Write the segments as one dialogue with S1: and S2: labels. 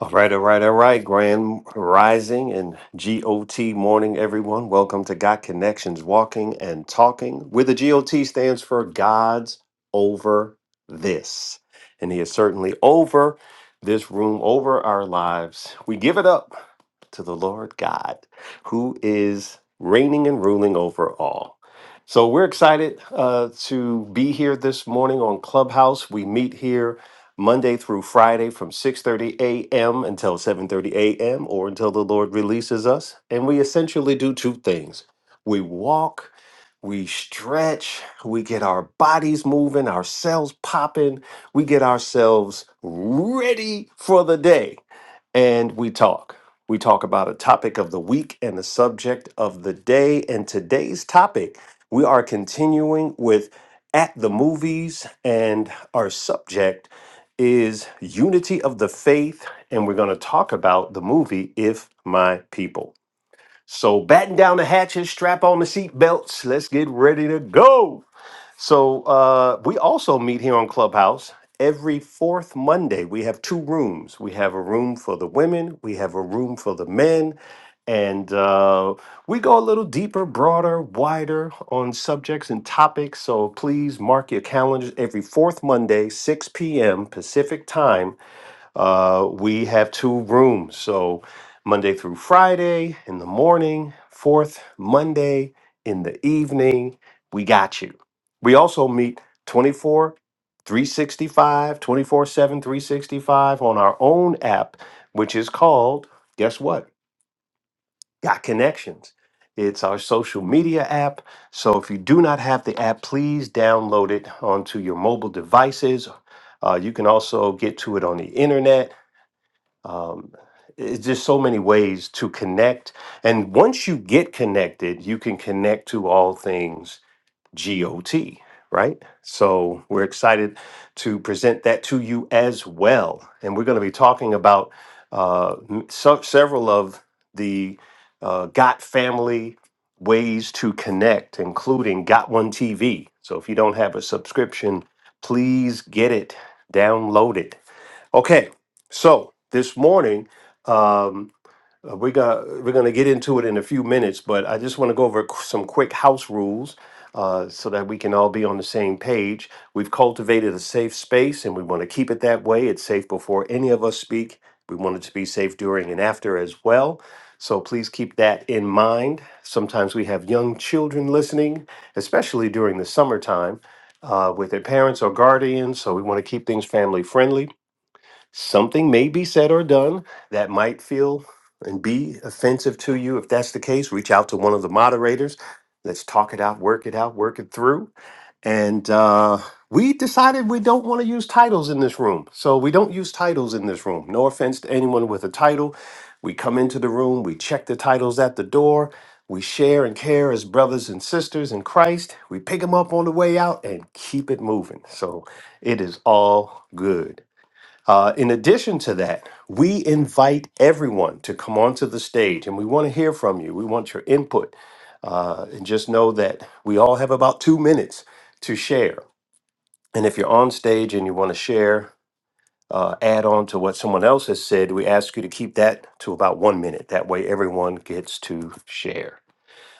S1: All right, all right, all right. Grand Rising and GOT morning, everyone. Welcome to Got Connections Walking and Talking, where the GOT stands for God's Over This. And He is certainly over this room, over our lives. We give it up to the Lord God, who is reigning and ruling over all. So we're excited uh, to be here this morning on Clubhouse. We meet here Monday through Friday from 6:30 a.m. until 7:30 a.m. or until the Lord releases us. And we essentially do two things. We walk, we stretch, we get our bodies moving, our cells popping, we get ourselves ready for the day and we talk. We talk about a topic of the week and the subject of the day. And today's topic, we are continuing with At the Movies, and our subject is Unity of the Faith. And we're going to talk about the movie If My People. So, batten down the hatches, strap on the seatbelts. Let's get ready to go. So uh, we also meet here on Clubhouse every fourth Monday. We have two rooms. We have a room for the women. We have a room for the men. And uh, we go a little deeper, broader, wider on subjects and topics. So please mark your calendars every fourth Monday, 6 p.m. Pacific time uh, we have two rooms, so Monday through Friday in the morning, fourth Monday in the evening. We got you. We also meet 24, twenty four seven, three sixty five on our own app, which is called, guess what? Got Connections. It's our social media app. So if you do not have the app, please download it onto your mobile devices. Uh, you can also get to it on the internet um, it's just so many ways to connect. And once you get connected, you can connect to all things GOT, right? So we're excited to present that to you as well. And we're going to be talking about uh, m- some, several of the uh, Got family ways to connect, including Got One TV. So if you don't have a subscription, please get it, download it Okay, so this morning, um, uh, we to we're going to get into it in a few minutes, but I just want to go over qu- some quick house rules uh, so that we can all be on the same page. We've cultivated a safe space, and we want to keep it that way. It's safe before any of us speak. We want it to be safe during and after as well. So please keep that in mind. Sometimes we have young children listening, especially during the summertime, uh, with their parents or guardians. So we want to keep things family friendly. Something may be said or done that might feel and be offensive to you. If that's the case, reach out to one of the moderators. Let's talk it out, work it out, work it through. And uh, we decided we don't want to use titles in this room. So we don't use titles in this room. No offense to anyone with a title. We come into the room, we check the titles at the door. We share and care as brothers and sisters in Christ. We pick them up on the way out and keep it moving. So it is all good. Uh, in addition to that, we invite everyone to come onto the stage and we want to hear from you. We want your input. Uh, and just know that we all have about two minutes to share. And if you're on stage and you want to share, uh, add on to what someone else has said, we ask you to keep that to about one minute. That way, everyone gets to share.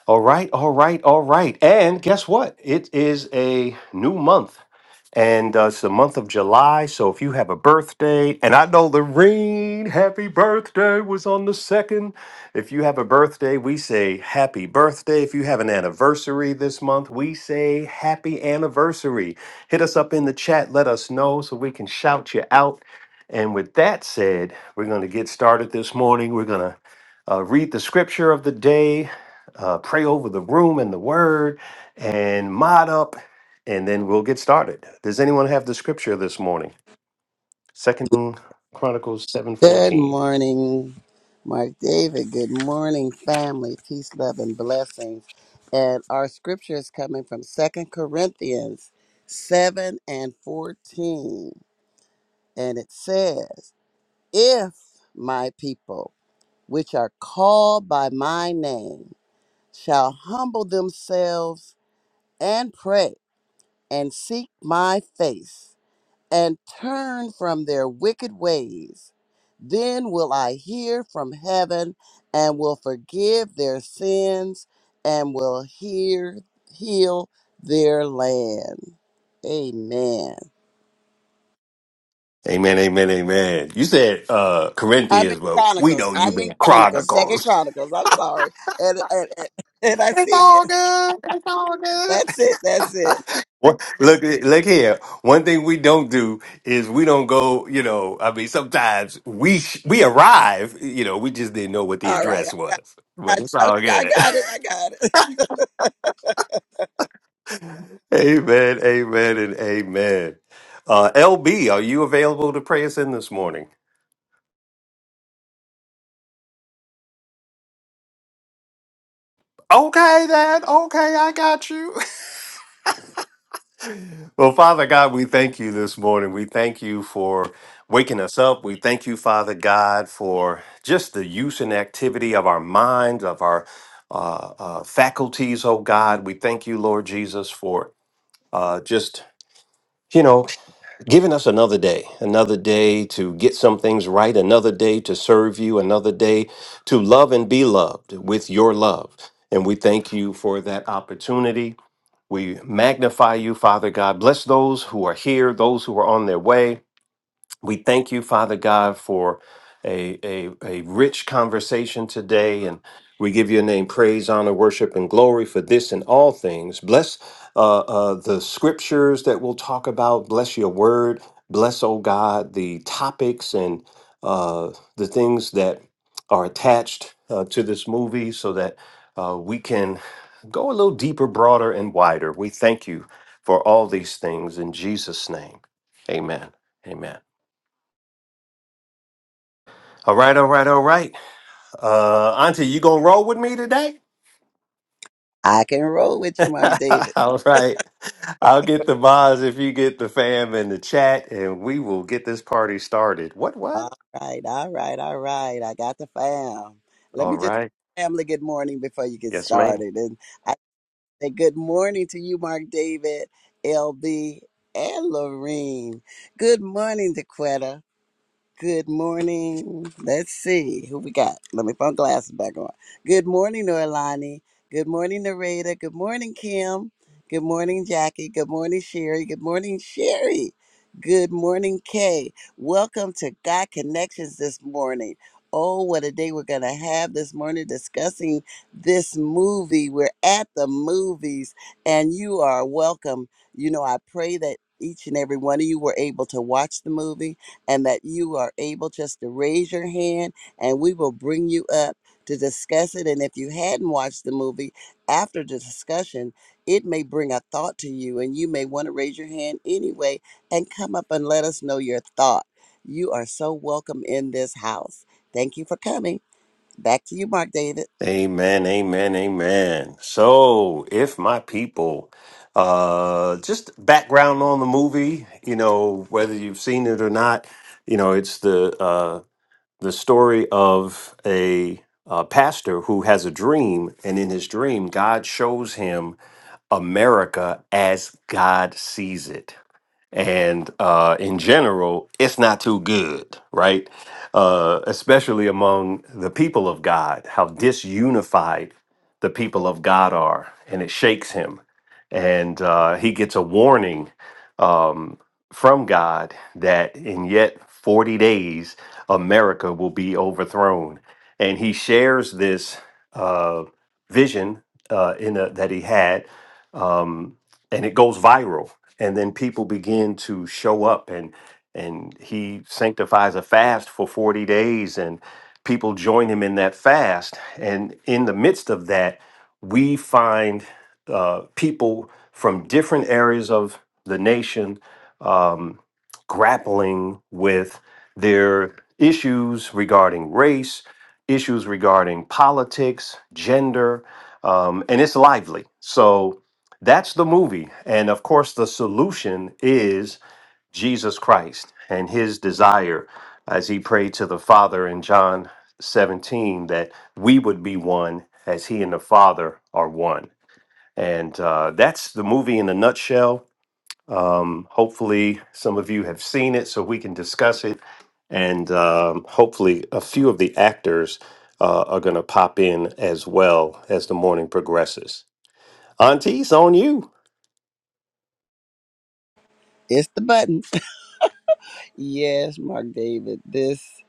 S1: All right, all right, all right. And guess what? It is a new month. And uh, it's the month of July. So if you have a birthday, and I know the rain, happy birthday was on the second. If you have a birthday, we say happy birthday. If you have an anniversary this month, we say happy anniversary. Hit us up in the chat, let us know so we can shout you out. And with that said, we're going to get started this morning. We're going to uh, read the scripture of the day uh, pray over the room and the word and mod up, and then we'll get started. Does anyone have the scripture this morning? Second Chronicles seven
S2: Good
S1: fourteen.
S2: morning, Mark David. Good morning, family. Peace, love, and blessings. And our scripture is coming from Second Corinthians 7 and 14. And it says, If my people, which are called by my name, shall humble themselves and pray and seek my face and turn from their wicked ways. Then will I hear from heaven and will forgive their sins and will hear heal their land. Amen.
S1: Amen, amen, amen. You said uh
S2: I'm in
S1: Corinthians, but we
S2: Chronicles.
S1: know
S2: I'm
S1: you've
S2: in
S1: been
S2: Chronicles. Second
S1: Chronicles.
S2: Chronicles. I'm sorry. And and, and, and I
S1: It's
S2: see
S1: all
S2: it.
S1: good. It's all good.
S2: That's it. That's it.
S1: What, look, look here. One thing we don't do is we don't go. You know, I mean, sometimes we sh- we arrive. You know, we just didn't know what the
S2: All right.
S1: address
S2: I
S1: was, but
S2: got,
S1: it's
S2: I,
S1: all
S2: I
S1: good.
S2: got it. I got it.
S1: Amen, amen, and amen. Uh, LB, are you available to pray us in this morning? Okay, then. Okay, I got you. well, Father God, we thank you this morning. We thank you for waking us up. We thank you, Father God, for just the use and activity of our minds, of our uh, uh, faculties, oh God. We thank you, Lord Jesus, for uh, just, you know, giving us another day, another day to get some things right, another day to serve you, another day to love and be loved with your love. And we thank you for that opportunity. We magnify you, Father God. Bless those who are here, those who are on their way. We thank you, Father God, for a, a, a rich conversation today. And we give your name praise, honor, worship, and glory for this and all things. Bless uh, uh, the scriptures that we'll talk about. Bless your word. Bless, oh God, the topics and uh, the things that are attached uh, to this movie so that uh, we can go a little deeper, broader, and wider. We thank you for all these things in Jesus' name. Amen. Amen. All right, all right, all right. Uh, Auntie, you gonna roll with me today?
S2: I can roll with you, Mark
S1: all right. I'll get the mods if you get the fam in the chat, and we will get this party started. What, what?
S2: All right, all right, all right. I got the fam. Let
S1: All
S2: me just
S1: right.
S2: family good morning before you get
S1: Yes, ma'am.
S2: started. And I say good morning to you, Mark David, LB, and Lorene. Good morning, DeQuetta. Good morning. Let's see who we got. Let me put my glasses back on. Good morning, Norlani. Good morning, Narada. Good morning, Kim. Good morning, Jackie. Good morning, Sherry. Good morning, Sherry. Good morning, Kay. Welcome to God Connections this morning. Oh, what a day we're going to have this morning discussing this movie. We're at the movies, and you are welcome. You know, I pray that each and every one of you were able to watch the movie and that you are able just to raise your hand and we will bring you up to discuss it. And if you hadn't watched the movie after the discussion, it may bring a thought to you and you may want to raise your hand anyway and come up and let us know your thought. You are so welcome in this house. Thank you for coming. Back to you, Mark David.
S1: Amen, amen, amen. So, if my people, uh, just background on the movie, you know, whether you've seen it or not, you know, it's the uh, the story of a uh, pastor who has a dream, and in his dream, God shows him America as God sees it and uh, in general, it's not too good, right? Uh, especially among the people of God, how disunified the people of God are, and it shakes him. And uh, he gets a warning um, from God that in yet 40 days, America will be overthrown. And he shares this uh, vision uh, in a, that he had. Um, and it goes viral and then people begin to show up and and he sanctifies a fast for 40 days and people join him in that fast and in the midst of that we find uh, people from different areas of the nation um, grappling with their issues regarding race issues regarding politics gender um, and it's lively so that's the movie. And of course, the solution is Jesus Christ and his desire, as he prayed to the Father in John 17, that we would be one as he and the Father are one. And uh, that's the movie in a nutshell. Um, hopefully, some of you have seen it so we can discuss it. And um, hopefully, a few of the actors uh, are going to pop in as well as the morning progresses. Auntie, it's on you.
S2: It's the button. Yes, Mark David. This.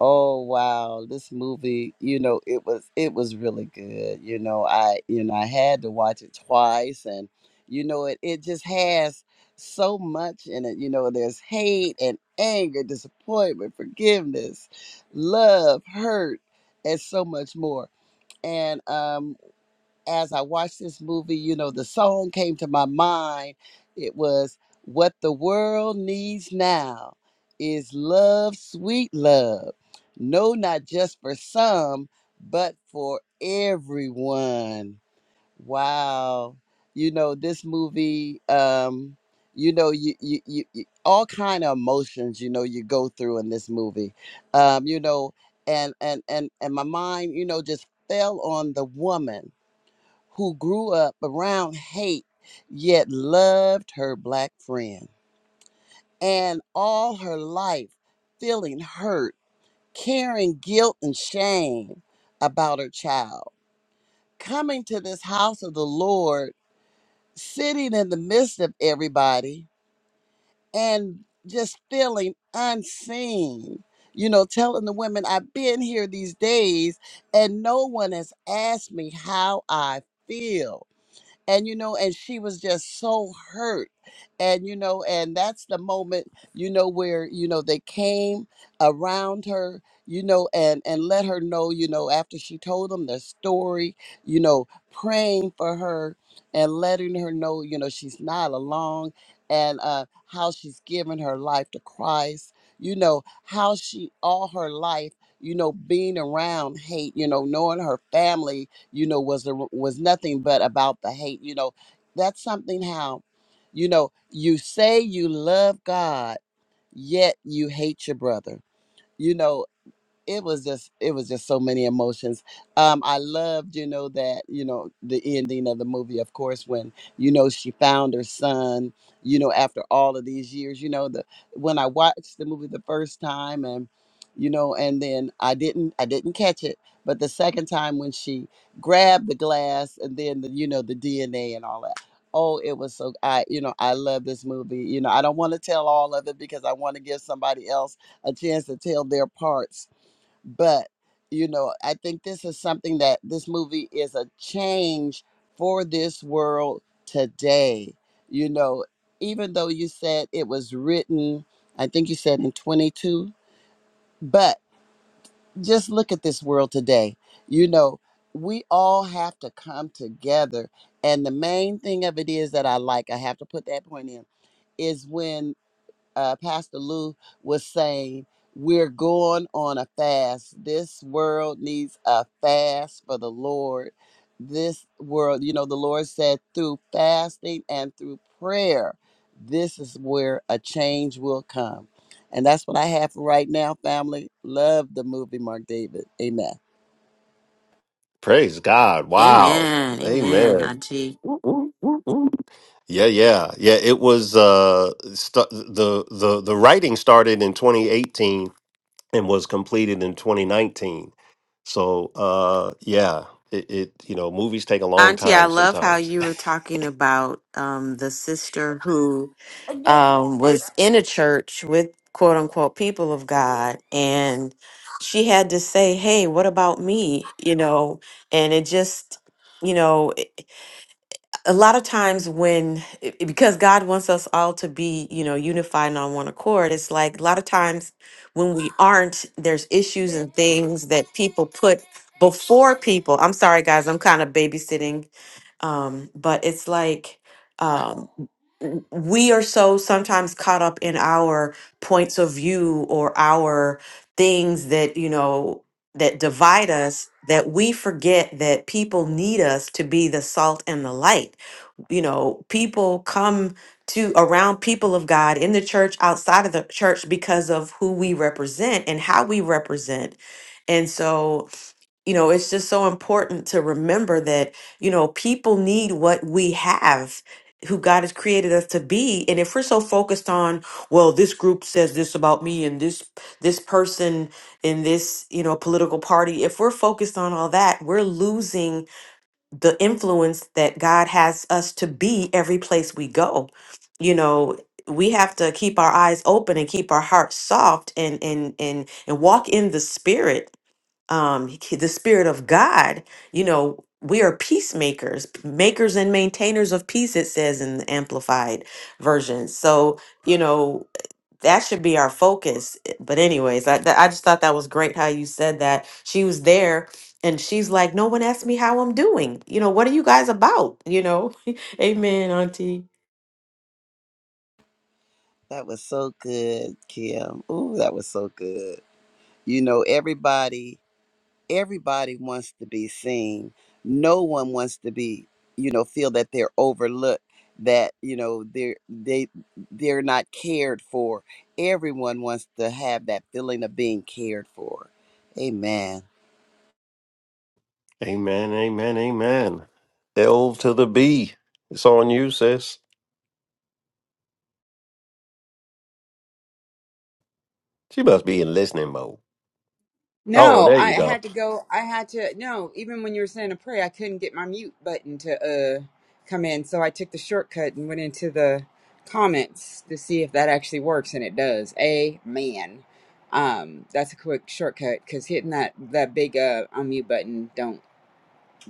S2: oh wow this movie you know it was it was really good you know i you know i had to watch it twice and you know it it just has so much in it you know there's hate and anger disappointment forgiveness love hurt and so much more and um as I watched this movie, you know, the song came to my mind. It was What the World Needs Now is Love, Sweet Love. No, not just for some, but for everyone. Wow. You know, this movie, um, you know, you, you, you, you all kind of emotions, you know, you go through in this movie. Um, you know, and and and and my mind, you know, just fell on the woman who grew up around hate yet loved her black friend. And all her life feeling hurt, carrying guilt and shame about her child. Coming to this house of the Lord, sitting in the midst of everybody, and just feeling unseen. You know, telling the women, I've been here these days and no one has asked me how I feel and you know and she was just so hurt and you know and that's the moment you know where you know they came around her you know and and let her know you know after she told them the story you know praying for her and letting her know you know she's not alone and uh how she's given her life to christ you know how she all her life you know being around hate you know knowing her family you know was a, was nothing but about the hate you know that's something how you know you say you love god yet you hate your brother you know it was just it was just so many emotions um i loved you know that you know the ending of the movie of course when you know she found her son you know after all of these years you know the when i watched the movie the first time and you know and then i didn't i didn't catch it but the second time when she grabbed the glass and then the, you know the dna and all that oh it was so i you know i love this movie you know i don't want to tell all of it because i want to give somebody else a chance to tell their parts but you know i think this is something that this movie is a change for this world today you know even though you said it was written i think you said in 22 but just look at this world today you know we all have to come together and the main thing of it is that i like i have to put that point in is when uh, Pastor Lou was saying, we're going on a fast. This world needs a fast for the Lord. This world, you know, the Lord said through fasting and through prayer, this is where a change will come. And that's what I have for right now, family. Love the movie, Mark David. Amen.
S1: Praise God. Wow.
S3: Amen. Amen,
S1: Amen.
S3: Auntie.
S1: Woo, woo, woo, woo. Yeah, yeah. Yeah, it was uh st- the the the writing started in 2018 and was completed in 2019. So, uh yeah, it, it you know, movies take a long
S3: Auntie, I
S1: time
S3: love how
S1: sometimes.
S3: you were talking about um, the sister who um, was in a church with quote unquote people of God. And she had to say, hey, what about me? You know, and it just, you know, a lot of times when it- it- because god wants us all to be you know unified and on one accord it's like a lot of times when we aren't there's issues and things that people put before people i'm sorry guys i'm kind of babysitting um but it's like um w- we are so sometimes caught up in our points of view or our things that you know that divide us that we forget that people need us to be the salt and the light you know people come to around people of god in the church outside of the church because of who we represent and how we represent and so you know it's just so important to remember that you know people need what we have who God has created us to be and if we're so focused on well this group says this about me and this this person in this you know political party if we're focused on all that we're losing the influence that God has us to be every place we go. You know, we have to keep our eyes open and keep our hearts soft and and and and walk in the spirit um he- the spirit of God. You know, we are peacemakers, makers and maintainers of peace it says in the amplified version. So, you know, that should be our focus. I- But anyways, I th- I just thought that was great how you said that. She was there and she's like, "No one asked me how I'm doing. You know, what are you guys about?" You know. Amen, auntie.
S2: That was so good, Kim. Ooh, that was so good. You know, everybody everybody wants to be seen. No one wants to be, you know, feel that they're overlooked, that you know they're they they're not cared for. Everyone wants to have that feeling of being cared for. Amen.
S1: amen. Amen. Amen. L to the B. It's on you, sis. She must be in listening mode. Oh,
S4: No,
S1: there
S4: I
S1: you go.
S4: had to go. I had to. No, even when you were saying a prayer, I couldn't get my mute button to uh come in, so I took the shortcut and went into the comments to see if that actually works, and it does. Amen. Um, that's a quick shortcut because hitting that that big uh unmute button don't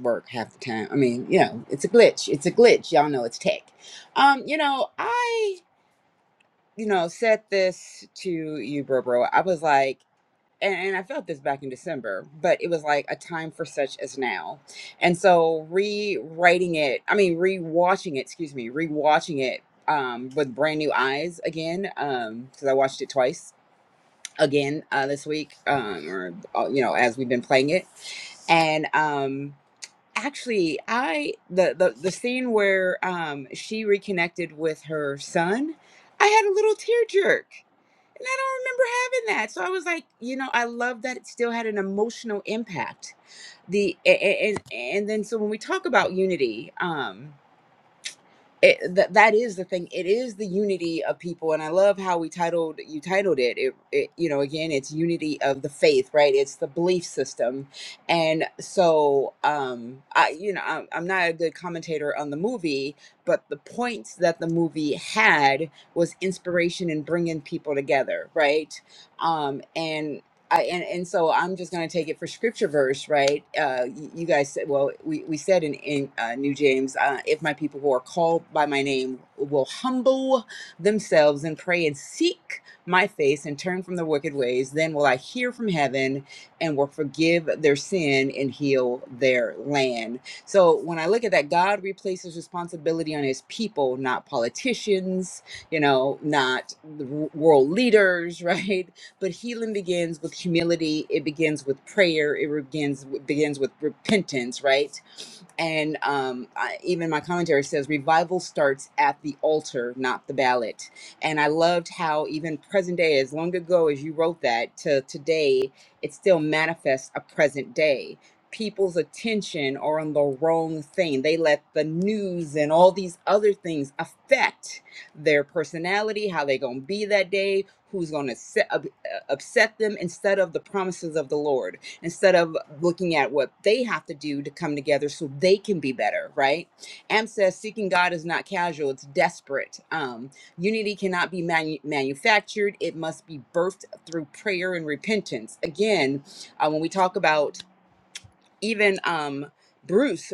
S4: work half the time. I mean, you know, it's a glitch. It's a glitch. Y'all know it's tech. Um, you know, I you know said this to you, bro, bro. I was like and, and I felt this back in December, but it was like a time for such as now. And so rewriting it, I mean, rewatching it, excuse me, rewatching it um, with brand new eyes again, because I watched it twice again uh, this week, um, or, uh, you know, as we've been playing it. And um, actually, I, the, the, the scene where um, she reconnected with her son, I had a little tear jerk and I don't remember having that. So I was like, you know, I love that it still had an emotional impact. The a- and and then so when we talk about unity, um, it, that that is the thing it is the unity of people and i love how we titled you titled it. it it you know again it's unity of the faith right it's the belief system and so um i you know i'm, I'm not a good commentator on the movie but the points that the movie had was inspiration in bringing people together right um and I, and, and so I'm just going to take it for scripture verse, right? Uh, you, you guys said, well, we, we said in, in uh, New James, uh, if my people who are called by my name will humble themselves and pray and seek my face and turn from their wicked ways, then will I hear from heaven and will forgive their sin and heal their land. So when I look at that, God replaces responsibility on his people, not politicians, you know, not the w- world leaders, right? But healing begins with humility. It begins with prayer. It begins begins with repentance, right? And um, I, even my commentary says revival starts at the altar, not the ballot. And I loved how even present day, as long ago as you wrote that to today, it still manifests a present day people's attention are on the wrong thing. They let the news and all these other things affect their personality, how they going to be that day, who's going to upset them instead of the promises of the Lord, instead of looking at what they have to do to come together so they can be better, right? Am says seeking God is not casual, it's desperate. Um, unity cannot be manu- manufactured, it must be birthed through prayer and repentance. Again, uh, when we talk about even um, Bruce,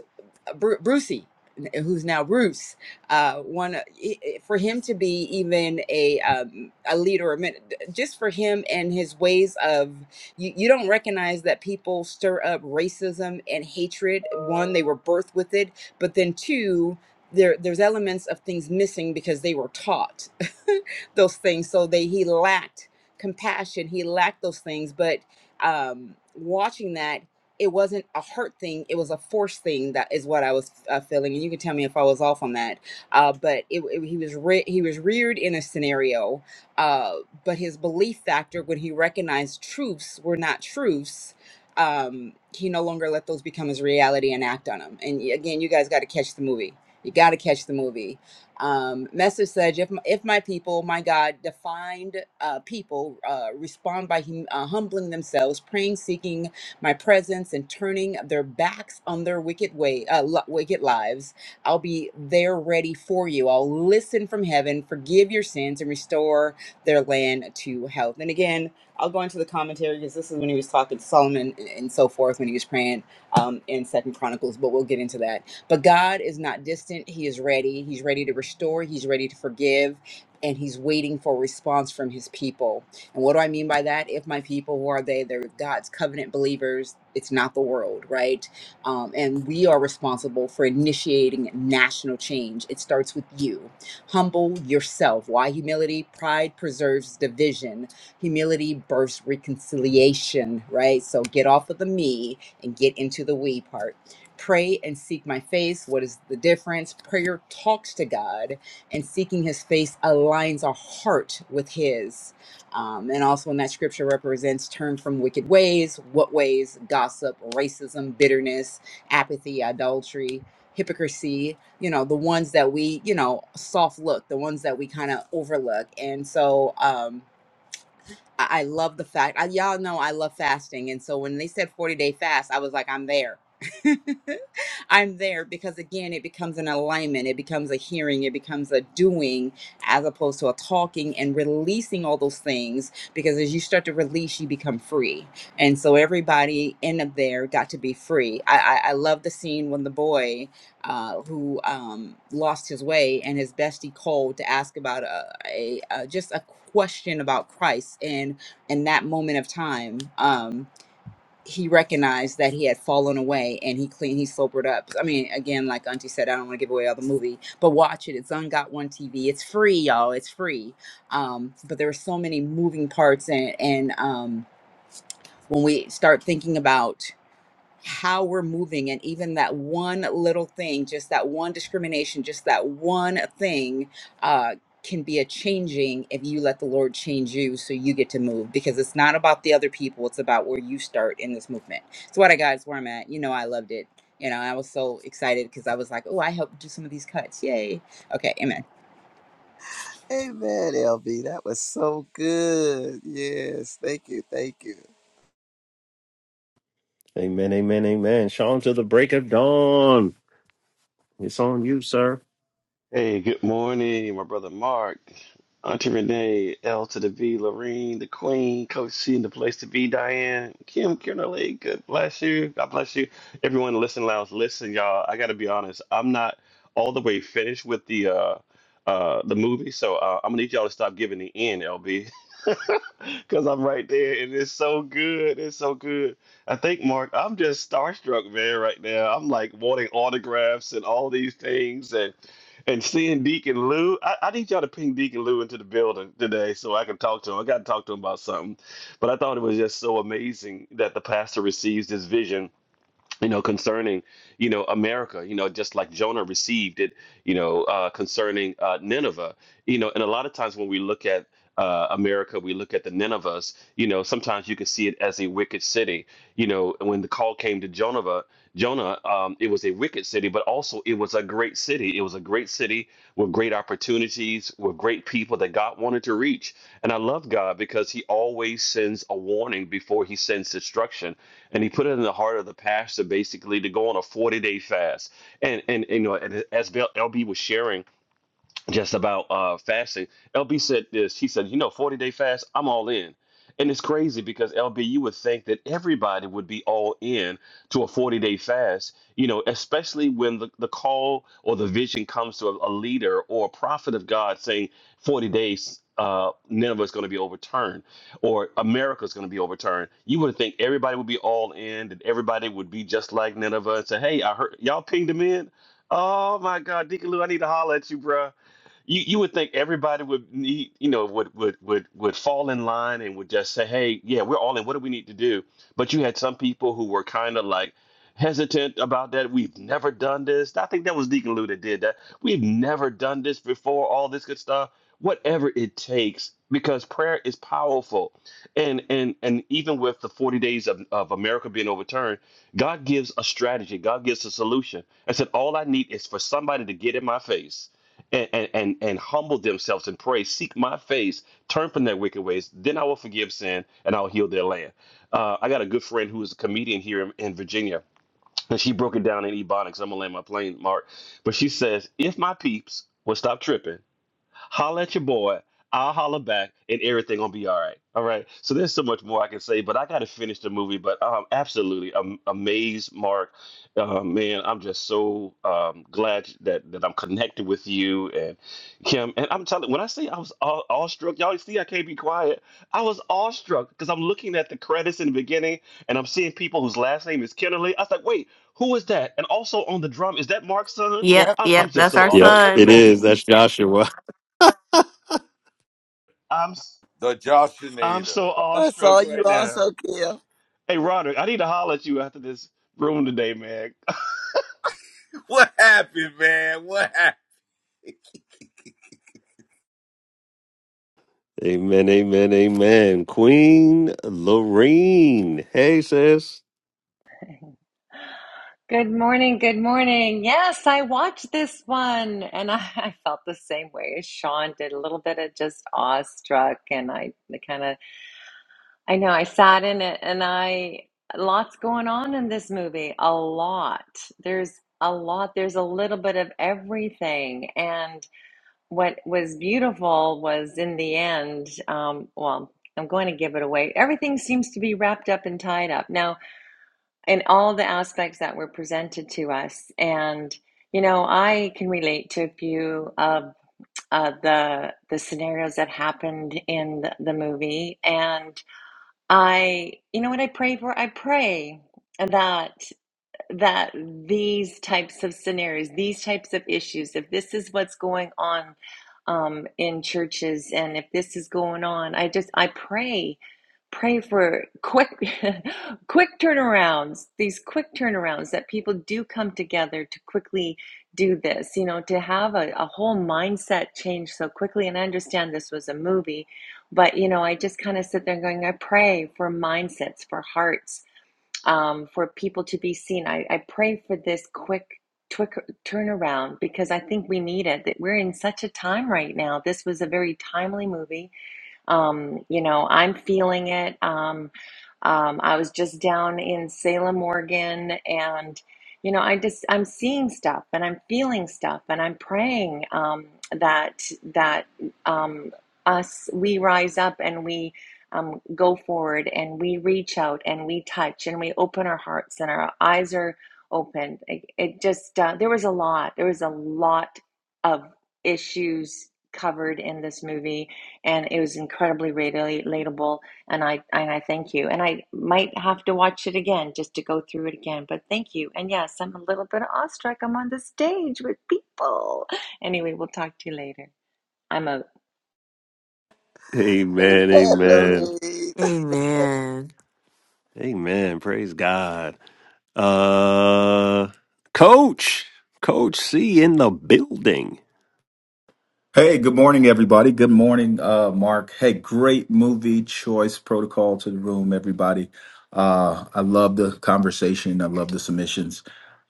S4: Bru- Brucey, who's now Bruce, uh, one i- for him to be even a um, a leader, a min- just for him and his ways of you, you don't recognize that people stir up racism and hatred. One, they were birthed with it, but then two. There, there's elements of things missing because they were taught those things so they he lacked compassion he lacked those things but um watching that it wasn't a hurt thing it was a force thing that is what i was uh, feeling and you can tell me if i was off on that uh, but it, it- he was re- he was reared in a scenario uh, but his belief factor when he recognized truths were not truths um, he no longer let those become his reality and act on them and y- again you guys got to catch the movie you got to catch the movie um, message said if my, if my people my god defined uh, people uh, respond by hum- uh, humbling themselves praying seeking my presence and turning their backs on their wicked way, uh, li- wicked lives. I'll be there ready for you. I'll listen from heaven, forgive your sins, and restore their land to health. And again, I'll go into the commentary because this is when he was talking to Solomon and and so forth when he was praying um, in Second Chronicles, but we'll get into that. But God is not distant; He is ready. He's ready to restore. He's ready to forgive, and He's waiting for a response from His people. And what do I mean by that? If my people, who are they? They're God's covenant believers. It's not the world, right? Um, and we are responsible for initiating national change. It starts with you. Humble yourself. Why humility? Pride preserves division. Humility births reconciliation, right? So get off of the me and get into the we part. Pray and seek my face. What is the difference? Prayer talks to God, and seeking his face aligns our heart with his um, and also in that scripture represents turn from wicked ways. What ways? Gossip, racism, bitterness, apathy, adultery, hypocrisy, you know, the ones that we, you know, soft look, the ones that we kind of overlook. And so, um, I, I love the fact I, y'all know I love fasting, and so when they said forty day fast, I was like, I'm there. I'm there because again, it becomes an alignment, it becomes a hearing, it becomes a doing as opposed to a talking and releasing all those things. Because as you start to release, you become free, and so everybody in up there got to be free. I I, I love the scene when the boy uh, who um, lost his way, and his bestie called to ask about a, a, a just a question about Christ. And in that moment of time, um, he recognized that he had fallen away, and he clean he sobered up. I mean, again, like Auntie said, I don't want to give away all the movie, but watch it. It's on Got One TV. It's free, y'all. It's free. Um, but there are so many moving parts, and and um, when we start thinking about how we're moving and even that one little thing just that one discrimination just that one thing uh, can be a changing if you let the lord change you so you get to move because it's not about the other people it's about where you start in this movement so what i got is where i'm at you know i loved it you know i was so excited because i was like oh i helped do some of these cuts yay okay amen
S2: Amen, LB. That was so good. Yes, thank you, thank you.
S1: Amen, amen, amen. Sean to the break of dawn. It's on you, sir.
S5: Hey, good morning, my brother Mark, Auntie Renee, L to the V, Lorene, the Queen, Coach C, and the place to be, Diane, Kim, Kierna Lee, good bless you. God bless you. Everyone Listen Lounge, listen, y'all. I gotta be honest, I'm not all the way finished with the uh uh the movie, so uh, I'm gonna need y'all to stop giving the end, LB. because I'm right there, and it's so good. It's so good. I think, Mark, I'm just starstruck, man, right now. I'm like wanting autographs and all these things, and and seeing Deacon Lou. I, I need y'all to ping Deacon Lou into the building today so I can talk to him. I got to talk to him about something. But I thought it was just so amazing that the pastor receives this vision you know, concerning, you know, America, you know, just like Jonah received it, you know, uh, concerning uh, Nineveh, you know, and a lot of times when we look at uh, America, we look at the Ninevehs, you know, sometimes you can see it as a wicked city, you know, when the call came to Jonah, Jonah, um, it was a wicked city, but also it was a great city. It was a great city with great opportunities, with great people that God wanted to reach. And I love God because he always sends a warning before he sends destruction and he put it in the heart of the pastor basically to go on a 40 day fast. And and, and you know, and as LB was sharing just about uh fasting. LB said this. He said, "You know, 40 day fast, I'm all in." And it's crazy because LB, you would think that everybody would be all in to a 40 day fast, you know, especially when the, the call or the vision comes to a, a leader or a prophet of God saying 40 days, uh, Nineveh is going to be overturned or America is going to be overturned. You would think everybody would be all in, that everybody would be just like Nineveh and say, Hey, I heard y'all pinged him in. Oh my God, Deacon Lou, I need to holler at you, bruh you you would think everybody would need you know would would would would fall in line and would just say hey yeah we're all in what do we need to do but you had some people who were kind of like hesitant about that we've never done this i think that was deacon lou that did that we've never done this before all this good stuff whatever it takes because prayer is powerful and and and even with the 40 days of, of america being overturned god gives a strategy god gives a solution i said all i need is for somebody to get in my face and, and, and, and humble themselves and pray, seek my face, turn from their wicked ways, then I will forgive sin and I'll heal their land. Uh, I got a good friend who is a comedian here in, in Virginia, and she broke it down in Ebonics. I'm going to land my plane, Mark. But she says, if my peeps would stop tripping, holla at your boy. I'll holler back, and everything gonna be all right. All right. So there's so much more I can say, but I gotta finish the movie. But um, absolutely am- amazed, Mark. Uh, man, I'm just so um, glad that that I'm connected with you and Kim. And I'm telling, when I say I was aw- awestruck, y'all see I can't be quiet. I was awestruck because I'm looking at the credits in the beginning, and I'm seeing people whose last name is Kennedy. I was like, wait, who is that? And also on the drum, is that Mark's son?
S3: Yep,
S4: Yep.
S5: I'm, I'm
S3: yep,
S5: just
S3: that's
S5: so
S3: our
S1: Yep,
S5: awestruck. Let me
S3: son.
S1: it
S5: go on
S1: is.
S5: mute.
S1: That's Joshua.
S5: I'm
S6: The
S5: I'm
S6: Joshinator.
S5: so
S2: I saw
S5: awestruck
S2: you
S5: right now.
S2: also, Kim.
S5: Hey, Roderick, I need to holler at you after this room today, man.
S6: What happened, man? What happened?
S1: Amen, amen, amen. Queen Lorene. Hey, sis.
S7: Good morning. Good morning. Yes, I watched this one and I, I felt the same way as Sean did a little bit of just awestruck. And I kind of, I know I sat in it and I, lots going on in this movie. A lot. There's a lot. There's a little bit of everything. And what was beautiful was in the end, um, well, I'm going to give it away. Everything seems to be wrapped up and tied up. Now, in all the aspects that were presented to us. And you know, I can relate to a few of uh, the the scenarios that happened in the, the movie. And I, you know, what I pray for, I pray that that these types of scenarios, these types of issues, if this is what's going on um, in churches, and if this is going on, I just I pray pray for quick quick turnarounds these quick turnarounds that people do come together to quickly do this you know to have a, a whole mindset change so quickly and i understand this was a movie but you know i just kind of sit there going i pray for mindsets for hearts um, for people to be seen i, I pray for this quick twick turnaround because i think we need it that we're in such a time right now this was a very timely movie um, you know, I'm feeling it. Um, um, I was just down in Salem, Oregon, and you know, I just I'm seeing stuff and I'm feeling stuff and I'm praying um, that that um, us we rise up and we um, go forward and we reach out and we touch and we open our hearts and our eyes are open. It, it just uh, there was a lot. There was a lot of issues covered in this movie and it was incredibly relatable and I and I thank you and I might have to watch it again just to go through it again but thank you and yes I'm a little bit awestruck I'm on the stage with people anyway we'll talk to you later I'm over
S2: Amen,
S1: Amen, amen.
S2: Lorraine.
S3: Amen.
S1: Amen. Praise God. Uh Coach. Coach C in the building.
S8: Hey, good morning, everybody. Good morning, uh, Mark. Hey, great movie choice protocol to the room, everybody. Uh, I love the conversation. I love the submissions.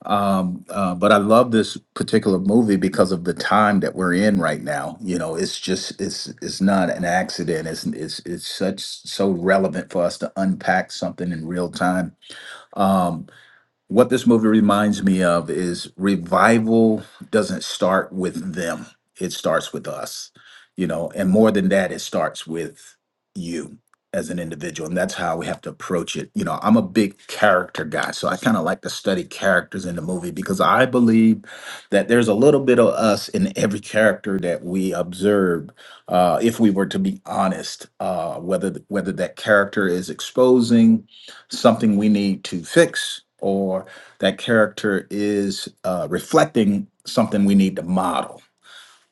S8: Um, uh, but I love this particular movie because of the time that we're in right now. You know, it's just it's it's not an accident. It's it's it's such so relevant for us to unpack something in real time. Um, what this movie reminds me of is revival doesn't start with them, it starts with us, you know, and more than that, it starts with you as an individual. And that's how we have to approach it. You know, I'm a big character guy, so I kind of like to study characters in the movie because I believe that there's a little bit of us in every character that we observe uh, if we were to be honest, uh, whether whether that character is exposing something we need to fix or that character is uh, reflecting something we need to model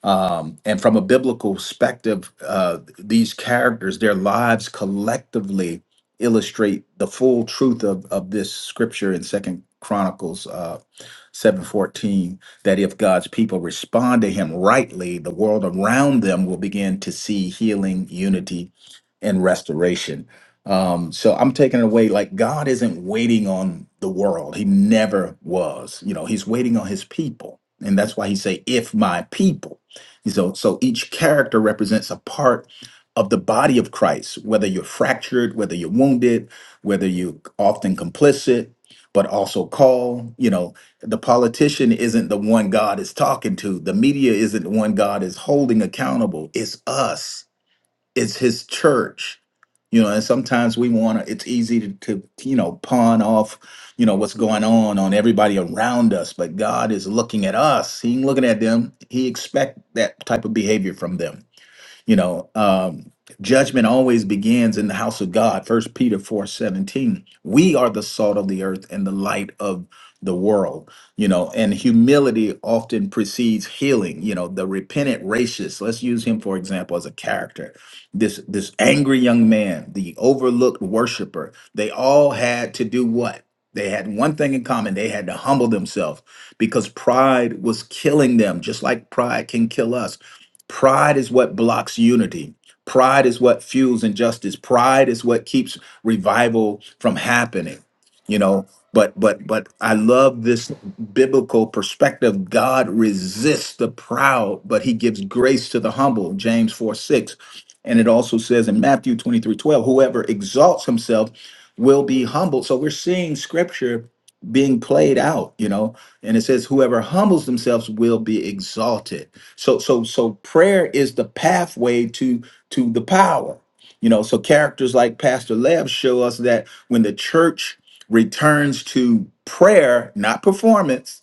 S8: um, and from a biblical perspective uh, these characters their lives collectively illustrate the full truth of, of this scripture in second chronicles uh, 7:14 that if God's people respond to him rightly, the world around them will begin to see healing, unity, and restoration. Um, so I'm taking it away like God isn't waiting on the world. He never was. You know, he's waiting on his people. And that's why he say, if my people. So so each character represents a part of the body of Christ, whether you're fractured, whether you're wounded, whether you're often complicit, but also called. You know, the politician isn't the one God is talking to. The media isn't the one God is holding accountable. It's us. It's his church. You know, and sometimes we want to, it's easy to, to, you know, pawn off, you know, what's going on on everybody around us, but God is looking at us. He ain't looking at them. He expect that type of behavior from them. You know, um, judgment always begins in the house of God. First Peter 4 17. We are the salt of the earth and the light of the world, you know, and humility often precedes healing. You know, the repentant racist, let's use him for example as a character. This this angry young man, the overlooked worshiper, they all had to do what? They had one thing in common. They had to humble themselves because pride was killing them, just like pride can kill us Pride is what blocks unity. Pride is what fuels injustice. Pride is what keeps revival from happening. You know, but but but I love this biblical perspective. God resists the proud, but he gives grace to the humble. James 4 6. And it also says in Matthew 23 12, whoever exalts himself will be humbled. So we're seeing scripture being played out, you know, and it says, whoever humbles themselves will be exalted so so so prayer is the pathway to to the power. You know, so characters like Pastor Lev show us that when the church returns to prayer, not performance,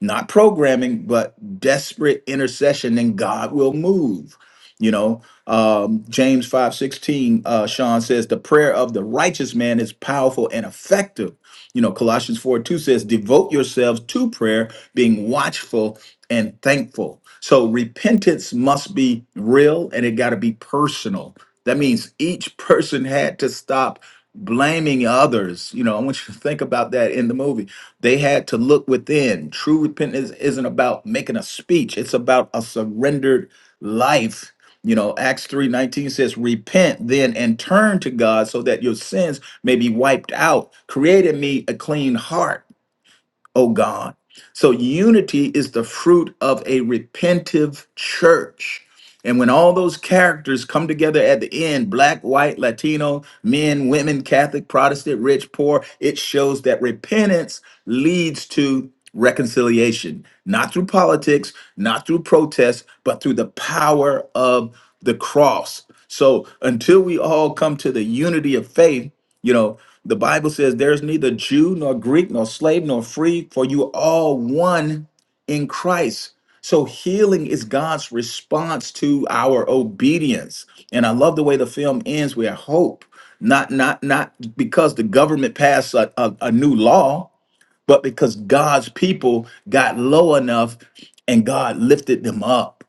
S8: not programming, but desperate intercession, then God will move. You know, um, James five sixteen, uh, Sean says, the prayer of the righteous man is powerful and effective. You know, Colossians 4 2 says, devote yourselves to prayer, being watchful and thankful. So repentance must be real and it got to be personal. That means each person had to stop blaming others. You know, I want you to think about that in the movie they had to look within. True repentance isn't about making a speech, it's about a surrendered life. You know, Acts 3:19 says, Repent then and turn to God so that your sins may be wiped out. Create in me a clean heart oh God. So unity is the fruit of a repentive church. And when all those characters come together at the end black, white, Latino, men, women, Catholic, Protestant, rich, poor it shows that repentance leads to reconciliation, not through politics, not through protest, but through the power of the cross. So until we all come to the unity of faith, you know, the Bible says there's neither Jew nor Greek nor slave nor free, for you are all one in Christ. So healing is God's response to our obedience. And I love the way the film ends. We have hope, not not not because the government passed a, a a new law but because God's people got low enough and God lifted them up.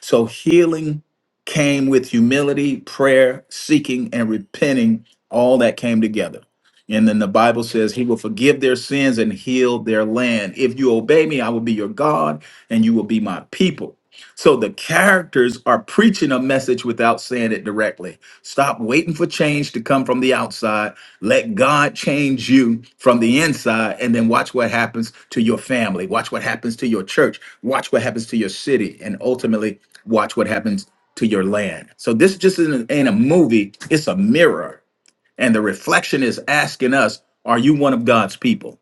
S8: So healing came with humility, prayer, seeking, and repenting. All that came together. And then the Bible says, He will forgive their sins and heal their land. If you obey me, I will be your God and you will be my people. So the characters are preaching a message without saying it directly Stop waiting for change to come from the outside. Let God change you from the inside, and then watch what happens to your family. Watch what happens to your church. Watch what happens to your city, and ultimately, watch what happens to your land. So, this just isn't, ain't a movie, it's a mirror. And the reflection is asking us Are you one of God's people?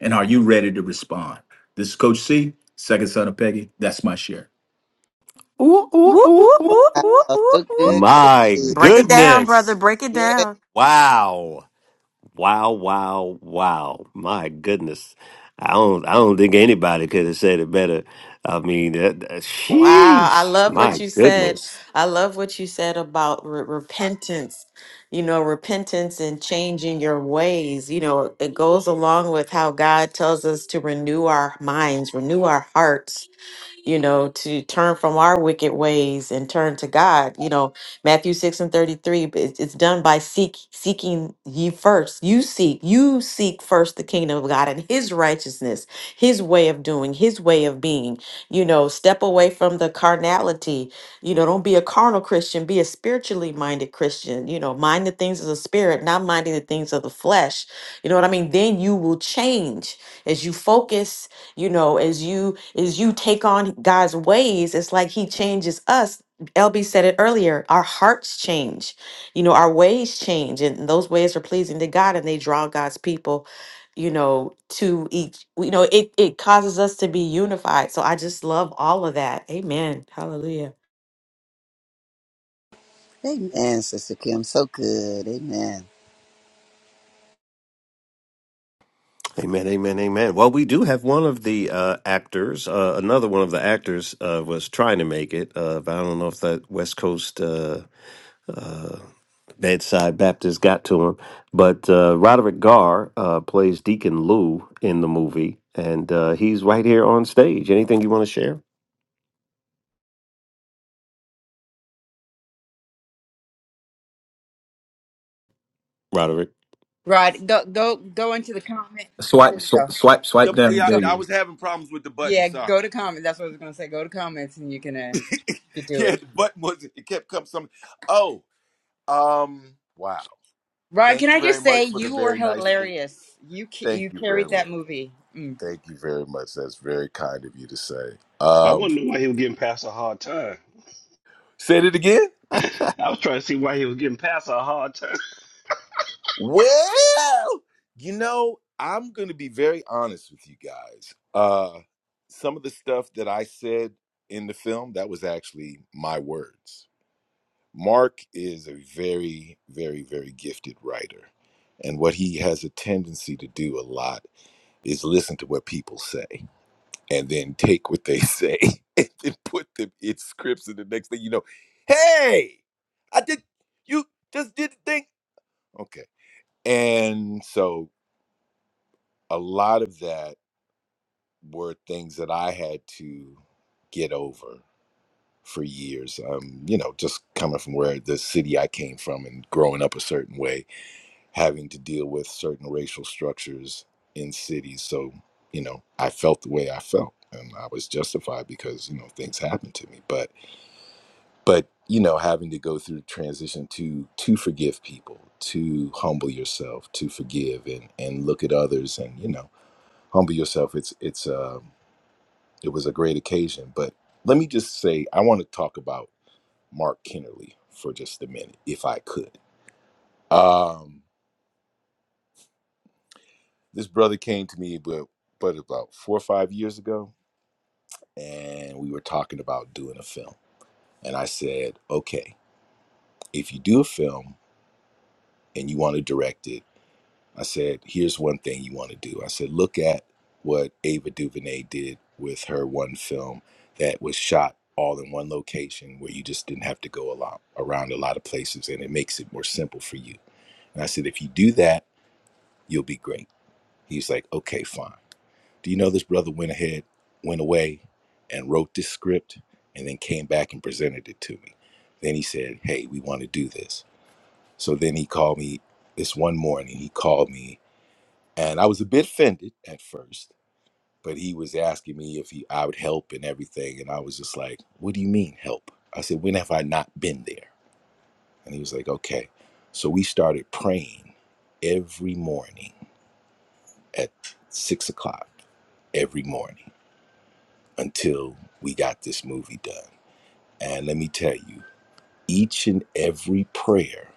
S8: And are you ready to respond? This is Coach C, second son of Peggy. That's my share.
S1: Ooh, ooh,
S3: Whoop,
S1: ooh,
S3: whoop,
S1: ooh,
S3: whoop,
S1: ooh.
S3: whoop,
S2: Oh,
S3: whoop,
S2: so
S3: whoop.
S2: good, Coach
S1: My
S3: Break
S2: C.
S3: it down, brother.
S1: goodness.
S3: Break it down.
S2: Yes.
S1: Wow. Wow, wow, wow. My goodness. I don't I don't think anybody could have said it better. I mean, that, that-
S3: Wow, I
S1: sheesh.
S3: love what
S1: My
S3: you said.
S1: goodness.
S3: I love what you said about re- repentance. You know, repentance and changing your ways. You know, it goes along with how God tells us to renew our minds, renew our hearts you know, to turn from our wicked ways and turn to God. You know, Matthew 6 and 33, but it's it's done by seek seeking ye first. You seek, you seek first the kingdom of God and his righteousness, his way of doing, his way of being. You know, step away from the carnality. You know, don't be a carnal Christian, be a spiritually minded Christian. You know, mind the things of the spirit, not minding the things of the flesh. You know what I mean? Then you will change as you focus you know as you as you take on god's ways it's like he changes us lb said it earlier our hearts change you know our ways change and those ways are pleasing to god and they draw god's people you know to each you know it it causes us to be unified so i just love all of that amen hallelujah
S2: Amen, Sister Kim. So good. Amen.
S1: Amen, amen, amen. Well, we do have one of the uh, actors. Uh, another one of the actors uh, was trying to make it, uh, but I don't know if that West Coast uh, uh, bedside Baptist got to him. But uh, Roderick Garr uh, plays Deacon Lou in the movie, and uh, he's right here on stage. Anything you want to share, Roderick?
S4: rod go go go into the comment there
S8: Swipe,
S4: you
S8: sw-
S4: go
S8: swipe, swipe
S6: The,
S8: down.
S6: yeah,
S4: go
S8: There
S6: I
S8: you
S6: was having problems with the button.
S4: yeah
S6: Sorry.
S4: go to comment that's what i was gonna say go to comments and you can uh, you can do it
S6: Yeah, the button was it kept coming. Some. Oh, um. Wow.
S4: Rod, can
S6: Thank you
S4: I
S6: very
S4: just say
S6: much for the
S4: you were
S6: very nice thing.
S4: hilarious. You ca-
S6: Thank
S4: you
S6: you very
S4: carried
S6: much.
S4: that movie. Mm.
S6: Thank you very much. That's very kind of you to say.
S5: I
S6: Um.
S5: want to know why he was getting past a hard time.
S6: Said it again.
S5: I was trying to see why he was getting past a hard time.
S6: Well, you know, I'm going to be very honest with you guys. Uh, some of the stuff that I said in the film that was actually my words. Mark is a very, very, very gifted writer. And what he has a tendency to do a lot is listen to what people say and then take what they say and then put them in scripts. And the next thing you know, hey, I did, you just did the thing. Okay. And so a lot of that were things that I had to get over for years. Um, you know, just coming from where the city I came from and growing up a certain way having to deal with certain racial structures in cities. So, you know, I felt the way I felt and I was justified because, you know, things happened to me. But but, you know, having to go through the transition to to forgive people, to humble yourself, to forgive and and look at others and, you know, humble yourself. It's it's um it was a great occasion. But let me just say I want to talk about Mark Kennerly for just a minute, if I could. Um This brother came to me, but but about four or five years ago, and we were talking about doing a film. And I said, okay, if you do a film and you want to direct it, I said, here's one thing you want to do. I said, look at what Ava DuVernay did with her one film that was shot all in one location where you just didn't have to go a lot around a lot of places and it makes it more simple for you. And I said, if you do that, you'll be great. He's like, okay, fine. Do you know this brother went ahead, went away, and wrote this script and then came back and presented it to me? Then he said, hey, we want to do this. So then he called me this one morning. He called me, and I was a bit offended at first, but he was asking me if he, I would help and everything. And I was just like, what do you mean help? I said, when have I not been there? And he was like, okay. So we started praying every morning at six o'clock every morning until we got this movie done. And let me tell you, each and every prayer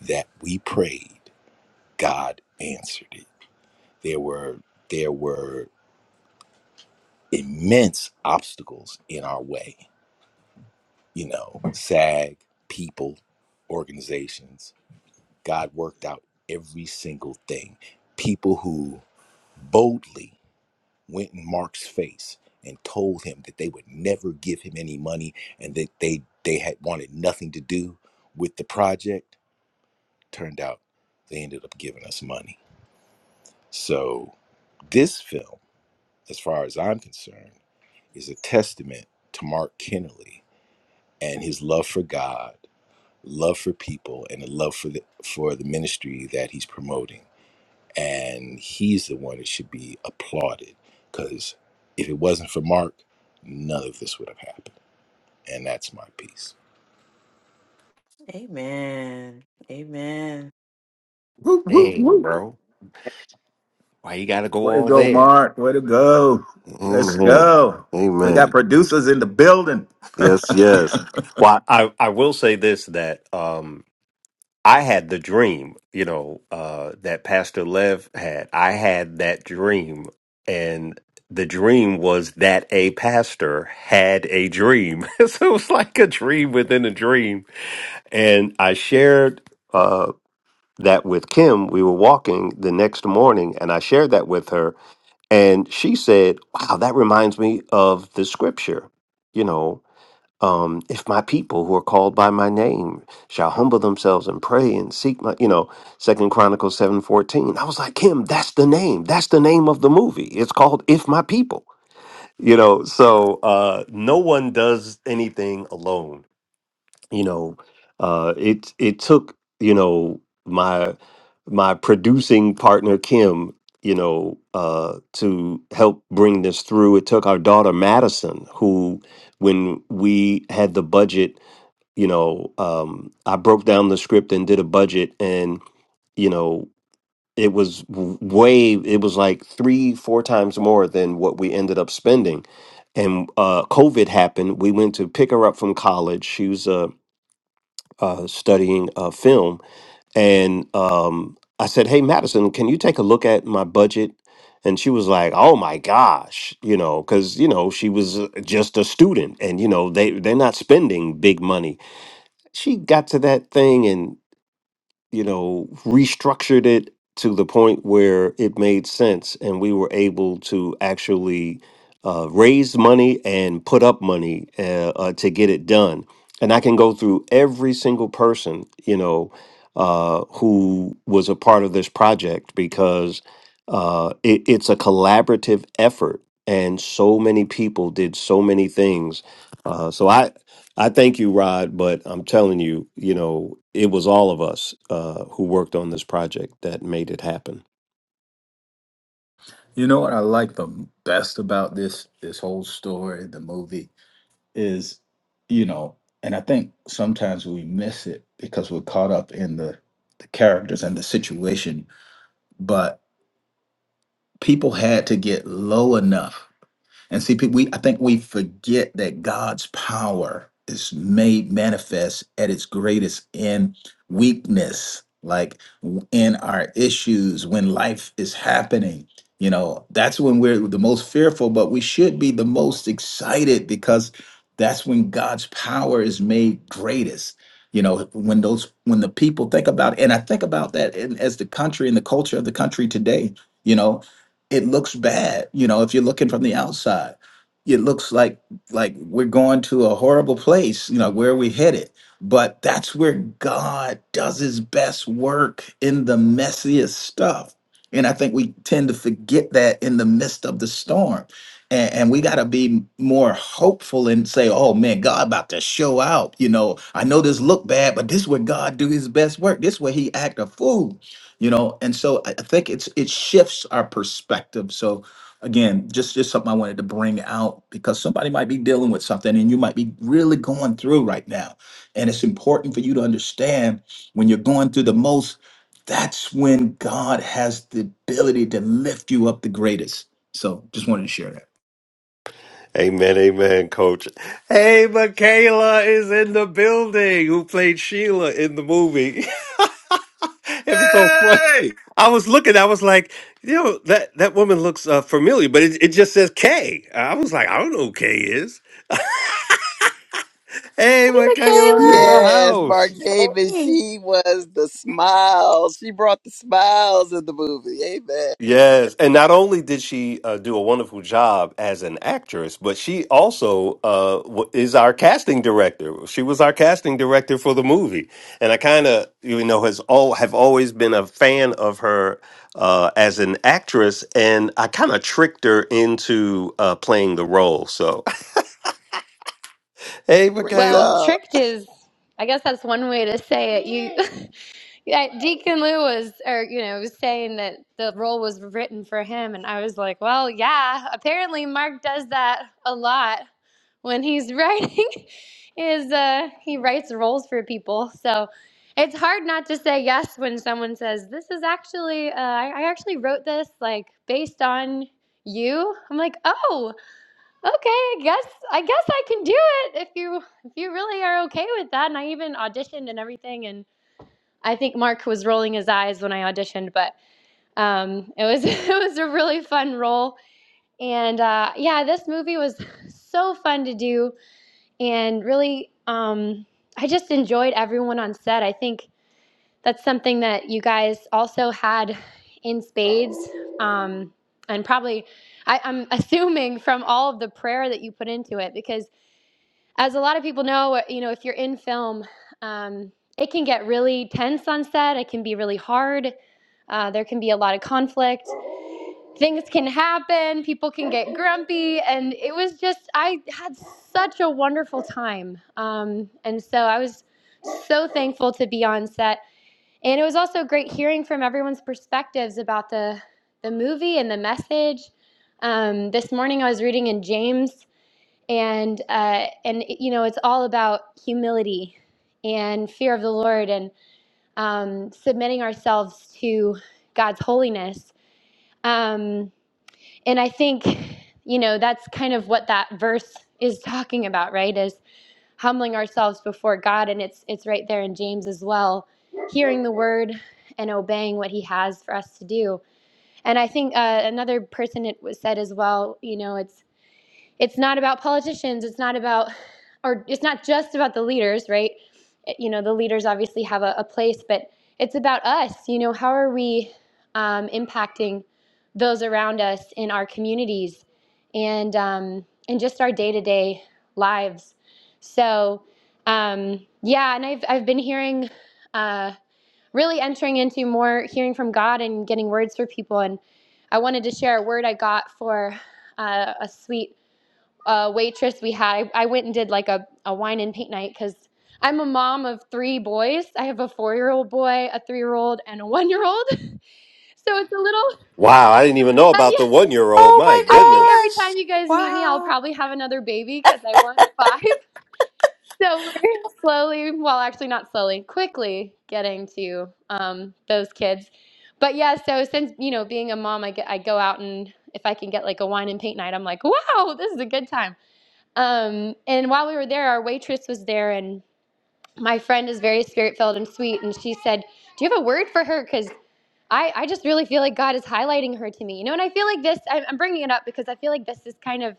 S6: that we prayed, God answered it. There were there were immense obstacles in our way, you know, SAG, people, organizations. God worked out every single thing. People who boldly went in Mark's face and told him that they would never give him any money and that they they had wanted nothing to do with the project. Turned out they ended up giving us money. So this film, as far as I'm concerned, is a testament to Mark Kennelly and his love for God, love for people, and a love for the for the ministry that he's promoting and he's the one that should be applauded because if it wasn't for Mark, none of this would have happened. And that's my piece.
S3: Amen. Amen.
S8: go. Woo, woo,
S1: Dang,
S8: woo.
S1: bro. Why you gotta go
S8: Way to
S1: all
S8: go,
S1: there?
S8: Mark. Way to go. Let's
S1: Amen.
S8: go. We got
S1: Amen.
S8: producers in the building.
S1: Yes, yes. Well, I, I will say this that um I had the dream, you know, uh that Pastor Lev had. I had that dream and the dream was that a pastor had a dream. so it was like a dream within a dream. And I shared uh, that with Kim, we were walking the next morning, and I shared that with her. And she said, Wow, that reminds me of the scripture. You know, um, if my people who are called by my name shall humble themselves and pray and seek my, you know, Second Chronicles seven fourteen." I was like, Kim, that's the name. That's the name of the movie. It's called If My People. You know, so uh, no one does anything alone you know uh it it took you know my my producing partner kim you know uh to help bring this through it took our daughter madison who when we had the budget you know um i broke down the script and did a budget and you know it was w- way it was like three four times more than what we ended up spending and uh covid happened we went to pick her up from college she was a uh, studying uh, film, and um, I said, "Hey, Madison, can you take a look at my budget?" And she was like, "Oh my gosh," you know, because you know she was uh, just a student, and you know they they're not spending big money. She got to that thing, and you know, restructured it to the point where it made sense and we were able to actually uh, raise money and put up money uh, uh, to get it done. And I can go through every single person, you know, uh, who was a part of this project because uh, it, it's a collaborative effort. And so many people did so many things. Uh, so I, I thank you, Rod, but I'm telling you, you know, it was all of us uh, who worked on this project that made it happen.
S8: You know what I like the best about this this whole story, the movie is, you know, and I think sometimes we miss it because we're caught up in the the characters and the situation, but people had to get low enough And see, pe- we I think we forget that God's power is made manifest at its greatest in weakness, like w- in our issues when life is happening. You know, that's when we're the most fearful, but we should be the most excited because that's when God's power is made greatest. You know, when those when the people think about, and I think about that in, as the country and the culture of the country today. You know, it looks bad you know if you're looking from the outside it looks like like we're going to a horrible place you know where are we headed but that's where god does his best work in the messiest stuff and i think we tend to forget that in the midst of the storm and, and we got to be more hopeful and say oh man god about to show out you know i know this look bad but this is where god do his best work this is where he act a fool you know and so i I think it's it shifts our perspective so again just just something i wanted to bring out because somebody might be dealing with something and you might be really going through right now and it's important for you to understand when you're going through the most that's when god has the ability to lift you up the greatest so just wanted to share that
S1: Amen, amen, coach. Hey, Michaela is in the building who played Sheila in the movie. it was so fun.
S6: Hey!
S1: I was looking, I was like, you know, that, that woman looks uh, familiar, but it, it just says K. I was like, I don't know who K is. hey,
S3: hey
S1: Michaela in the
S3: michaela
S2: Yes,
S1: house.
S2: Mark Davis,
S3: hey
S2: she was the smiles. She brought the smiles in the movie. Amen.
S1: Yes, and not only did she uh, do a wonderful job as an actress, but she also uh, w- is our casting director. She was our casting director for the movie, and I kind of you know has all have always been a fan of her uh, as an actress, and I kind of tricked her into uh, playing the role. So, hey,
S2: Great
S9: Well,
S1: Michaela!
S2: job.
S9: tricked is, I guess that's one way to say it. You, yeah, Deacon Lou was, or you know, was saying that the role was written for him, and I was like, well, yeah. Apparently, Mark does that a lot when he's writing. Is uh, he writes roles for people, so it's hard not to say yes when someone says, "This is actually, uh, I, I actually wrote this like based on you." I'm like, oh okay, I guess I guess I can do it if you if you really are okay with that. And I even auditioned and everything. And I think Mark was rolling his eyes when I auditioned, but um, it was it was a really fun role. And uh, yeah, this movie was so fun to do, and really, um, I just enjoyed everyone on set. I think that's something that you guys also had in spades, um, and probably I, I'm assuming from all of the prayer that you put into it because as a lot of people know, uh, you know, if you're in film, um, it can get really tense on set. It can be really hard. Uh, there can be a lot of conflict. Things can happen. People can get grumpy, and it was just I had such a wonderful time. Um, and so I was so thankful to be on set, and it was also great hearing from everyone's perspectives about the the movie and the message. Um, this morning I was reading in James and uh, and you know it's all about humility and fear of the Lord and um, submitting ourselves to God's holiness. Um, and I think you know that's kind of what that verse is talking about, right? Is humbling ourselves before God, and it's it's right there in James as well, hearing the word and obeying what He has for us to do. And I think uh, another person it was said as well. You know, it's it's not about politicians it's not about or it's not just about the leaders right Eh, you know the leaders obviously have a, a place but it's about us you know how are we um, impacting those around us in our communities and um, and just our day-to-day lives so um, yeah and I've, I've been hearing uh, really entering into more hearing from god and getting words for people and i wanted to share a word i got for uh, a sweet uh, waitress we had. I, I went and did like a, a wine and paint night because I'm a mom of three boys. I have a four year old boy, a three year old, and a one year old. So it's a little,
S1: Wow, I didn't even know
S9: uh,
S1: about the
S9: yeah.
S1: one year old.
S3: oh
S1: My
S9: I think
S1: goodness.
S3: my
S9: every time you
S3: gosh
S9: guys meet me, I'll
S3: wow
S9: probably have another baby because I want five. So we're slowly, well, actually, not slowly, quickly getting to um, those kids. But yeah, so since, you know, being a mom, I, get, I go out and if I can get like a wine and paint night, I'm like, wow, this is a good time Um, and while we were there, our waitress was there, and my friend is very spirit filled and sweet. And she said, Do you have a word for her? Because I, I just really feel like God is highlighting her to me. You know, and I feel like this, I- I'm bringing it up because I feel like this is kind of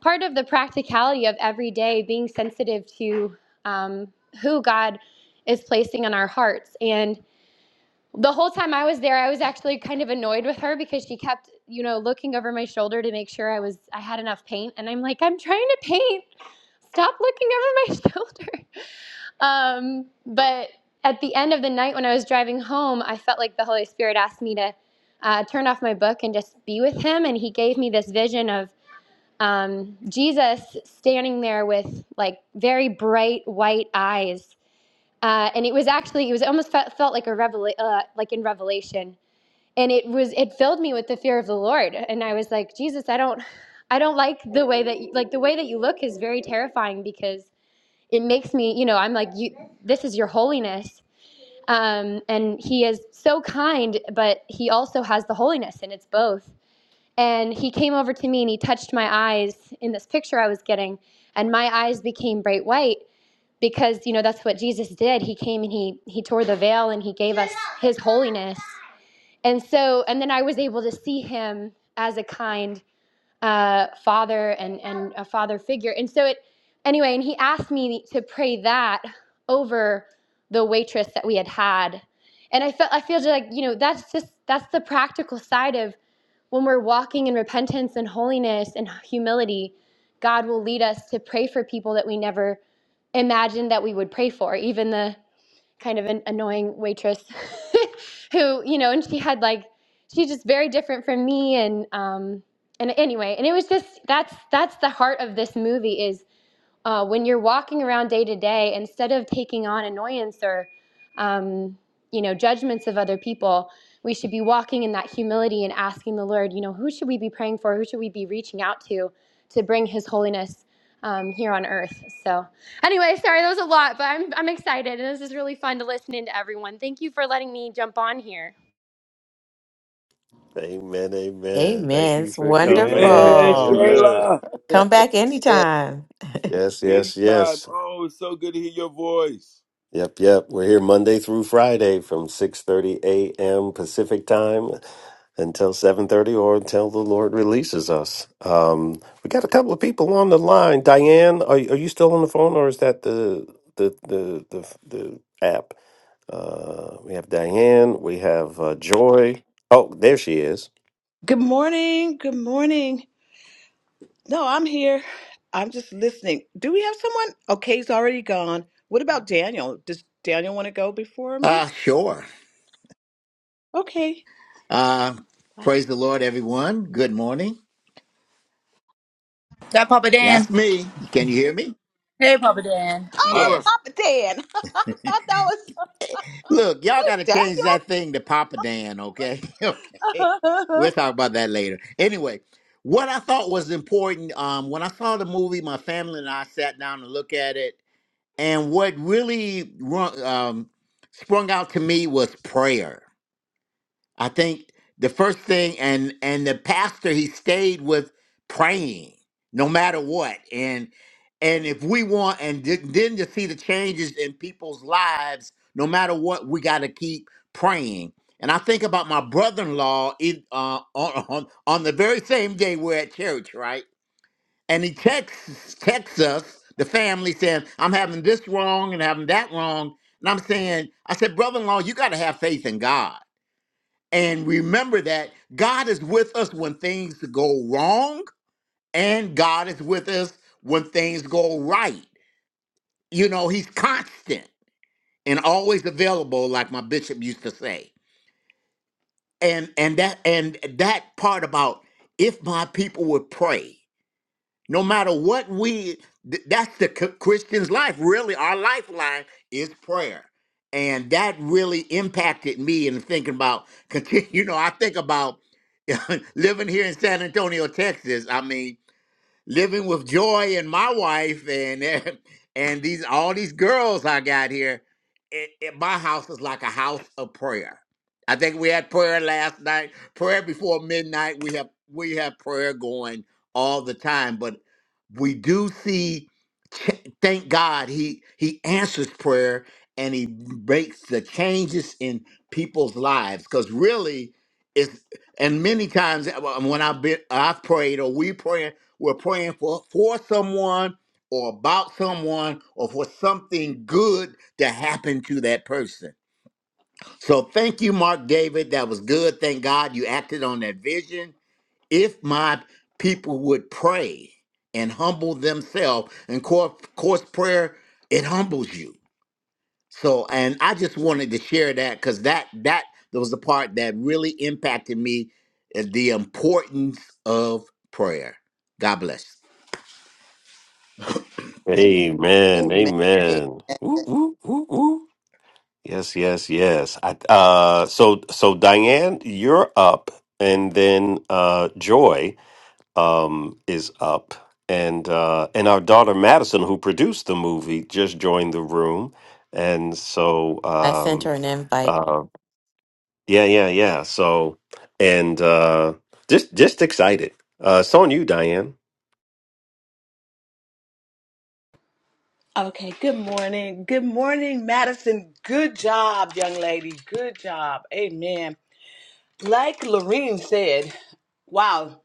S9: part of the practicality of every day being sensitive to um, who God is placing on our hearts. And the whole time I was there, I was actually kind of annoyed with her because she kept, you know, looking over my shoulder to make sure I was I had enough paint. And I'm like, I'm trying to paint stop looking over my shoulder. Um, but at the end of the night when I was driving home, I felt like the Holy Spirit asked me to uh, turn off my book and just be with Him. And He gave me this vision of um, Jesus standing there with like very bright white eyes. Uh, and it was actually, it was almost felt, felt like a revela- uh, like in Revelation. And it was, it filled me with the fear of the Lord. And I was like, Jesus, I don't, I don't like the way that, you, like the way that you look is very terrifying because it makes me, you know, I'm like, you, this is your holiness. Um, and he is so kind, but he also has the holiness, and it's both. And he came over to me and he touched my eyes in this picture I was getting, and my eyes became bright white because you know that's what Jesus did. He came and he he tore the veil and he gave us his holiness. And so, and then I was able to see him as a kind uh, father and and a father figure. And so it anyway. And he asked me to pray that over the waitress that we had had, and I felt I feel like you know that's just that's the practical side of when we're walking in repentance and holiness and humility. God will lead us to pray for people that we never imagined that we would pray for, even the kind of an annoying waitress who, you know, and she had like she's just very different from me and um and anyway, and it was just that's that's the heart of this movie is uh, when you're walking around day to day, instead of taking on annoyance or, um, you know, judgments of other people, we should be walking in that humility and asking the Lord, you know, who should we be praying for? Who should we be reaching out to to bring His holiness um, here on earth? So, anyway, sorry, that was a lot, but I'm, I'm excited. And this is really fun to listen in to everyone. Thank you for letting me jump on here.
S1: Amen, amen. Thank
S3: amen
S1: you
S3: it's
S1: for
S5: Hey,
S6: Hey,
S1: coming,
S5: man,
S6: man,
S3: wonderful
S5: so
S1: Michaela.
S5: good.
S6: Kayla!
S3: Come back
S2: Yeah.
S3: anytime.
S1: Yes, yes,
S6: Anytime.
S1: yes.
S6: Oh, it's so good to hear your voice.
S1: Yep, yep. We're here Monday through Friday from 6:30 a.m. Pacific time until 7:30 or until the Lord releases us. Um, we got a couple of people on the line. Diane, are, are you still on the phone or is that the the the the, the app? Uh, we have Diane, we have uh, Joy. Oh, there she is.
S10: Good morning. Good morning. No, I'm here. I'm just listening. Do we have someone? Okay, he's already gone. What about Daniel? Does Daniel want to go before me?
S11: Uh, sure.
S10: Okay.
S11: Uh,
S10: Bye.
S11: praise the Lord, everyone. Good morning.
S4: Is That Papa Dan.
S11: That's me. Can you hear me?
S4: Hey, Papa Dan.
S11: All right.
S4: Yes.
S10: Papa Dan. I thought that
S11: Look, y'all
S10: was
S11: got to change that thing to Papa Dan, okay? okay.
S10: Daniel.
S11: We'll talk about that later. Anyway, what I thought was important um, when I saw the movie, my family and I sat down and looked at it. And what really run- um, sprung out to me was prayer I think the first thing and and the pastor he stayed with praying no matter what and and if we want and th- then to see the changes in people's lives no matter what we got to keep praying and I think about my brother-in-law in uh, on, on on the very same day we're at church right and he texts texts us the family saying I'm having this wrong and having that wrong and I'm saying I said brother-in-law you got to have faith in God and remember that God is with us when things go wrong, and God is with us when things go right. You know, He's constant and always available, like my bishop used to say. And and that and that part about if my people would pray. No matter what we, th- that's the c- Christian's life. Really, our lifeline is prayer. And that really impacted me in thinking about, continue, you know, I think about living here in San Antonio, Texas. I mean, living with joy and my wife and and these all these girls I got here. It, it, my house is like a house of prayer. I think we had prayer last night, prayer before midnight. We have we have prayer going all the time, but we do see. ch- Thank God he he answers prayer and he makes the changes in people's lives because really it's and many times uh, when I've been I've prayed or we pray we're praying for, for someone or about someone or for something good to happen to that person. So thank you, Mark David. That was good. Thank God you acted on that vision. If my people would pray and humble themselves, and course, course prayer, it humbles you. So, and I just wanted to share that because that that was the part that really impacted me, uh, the importance of prayer. God bless.
S1: Amen.
S2: Amen.
S1: Amen. Woo, woo, woo, woo. Yes, yes, yes. I, uh, so, so Diane, you're up, and then uh, Joy um, is up, and uh, and our daughter Madison, who produced the movie, just joined the room, and so
S3: I sent
S1: um,
S3: her an invite.
S1: uh, yeah, yeah, yeah. So, and uh, just just excited. Uh, it's on you, Diane.
S10: Okay, good morning. Good morning, Madison. Good job, young lady. Good job. Amen. Like Lorene said, wow,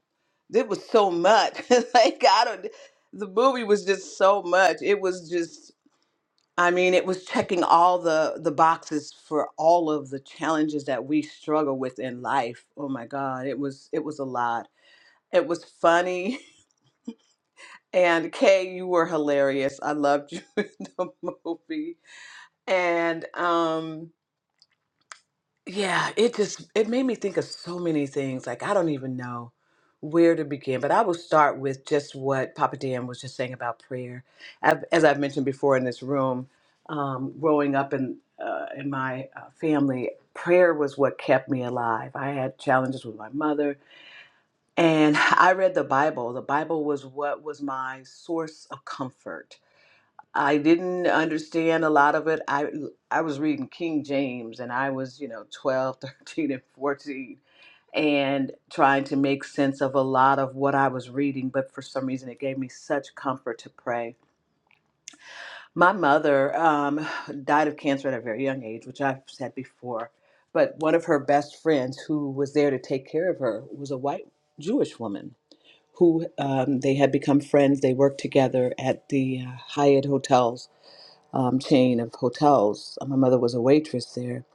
S10: there was so much. like, I don't, the movie was just so much. It was just. I mean, it was checking all the the boxes for all of the challenges that we struggle with in life. Oh my God, it was it was a lot. It was funny. And Kay, you were hilarious. I loved you in the movie. And um yeah it just it made me think of so many things like i don't even know where to begin but i will start with just what papa dan was just saying about prayer I've, as i've mentioned before in this room um, growing up in uh, in my uh, family prayer was what kept me alive i had challenges with my mother and i read the bible the bible was what was my source of comfort I didn't understand a lot of it. I I was reading King James and I was, you know, 12, 13, and 14 and trying to make sense of a lot of what I was reading, but for some reason it gave me such comfort to pray. My mother um, died of cancer at a very young age, which I've said before, but one of her best friends who was there to take care of her was a white Jewish woman who um, they had become friends. They worked together at the uh, Hyatt hotels um, chain of hotels. Uh, My mother was a waitress there.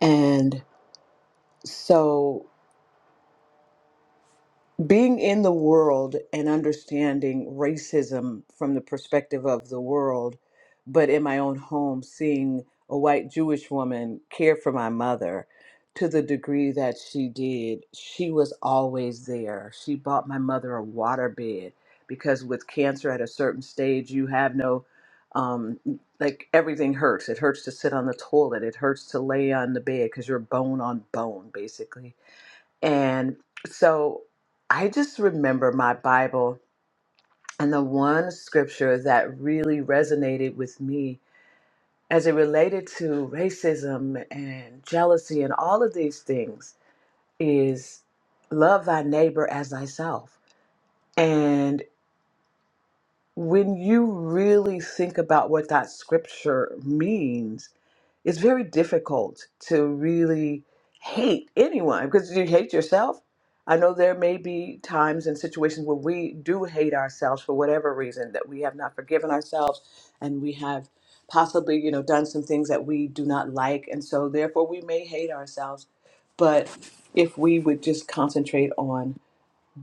S10: And so being in the world and understanding racism from the perspective of the world, but in my own home, seeing a white Jewish woman care for my mother to the degree that she did, she was always there. She bought my mother a water bed because with cancer at a certain stage, you have no. Um, like everything hurts. It hurts to sit on the toilet. It hurts to lay on the bed because you're bone on bone, basically and so I just remember my Bible and the one scripture that really resonated with me as it related to racism and jealousy and all of these things is love thy neighbor as thyself. And. when you really think about what that scripture means, it's very difficult to really hate anyone because you hate yourself. I know there may be times and situations where we do hate ourselves for whatever reason that we have not forgiven ourselves and we have possibly, you know, done some things that we do not like and so therefore we may hate ourselves. But if we would just concentrate on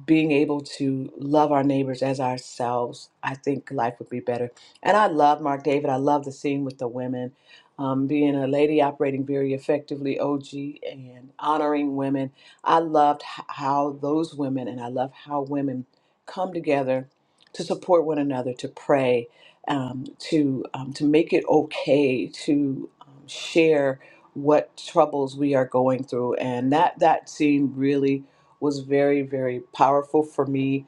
S10: being able to love our neighbors as ourselves, I think life would be better. And I love Mark David. I love the scene with the women, um, being a lady operating very effectively, OG, and honoring women. I loved h- how those women, and I love how women come together to support one another, to pray, um, to um, to make it okay to um, share what troubles we are going through, and that that scene really was very, very powerful for me.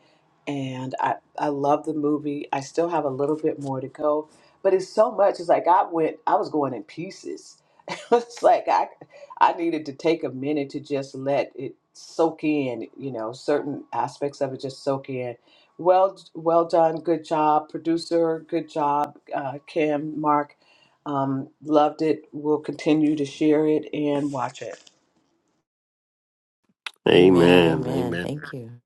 S10: And I, I love the movie. I still have a little bit more to go, but it's so much. It's like I went, I was going in pieces. it's like I, I needed to take a minute to just let it soak in. You know, certain aspects of it just soak in. Well, well done, good job, producer, good job, uh, Kim, Mark. Um, loved it. We'll continue to share it and watch it.
S3: Amen.
S1: Amen.
S3: Amen.
S1: Amen.
S3: Thank you.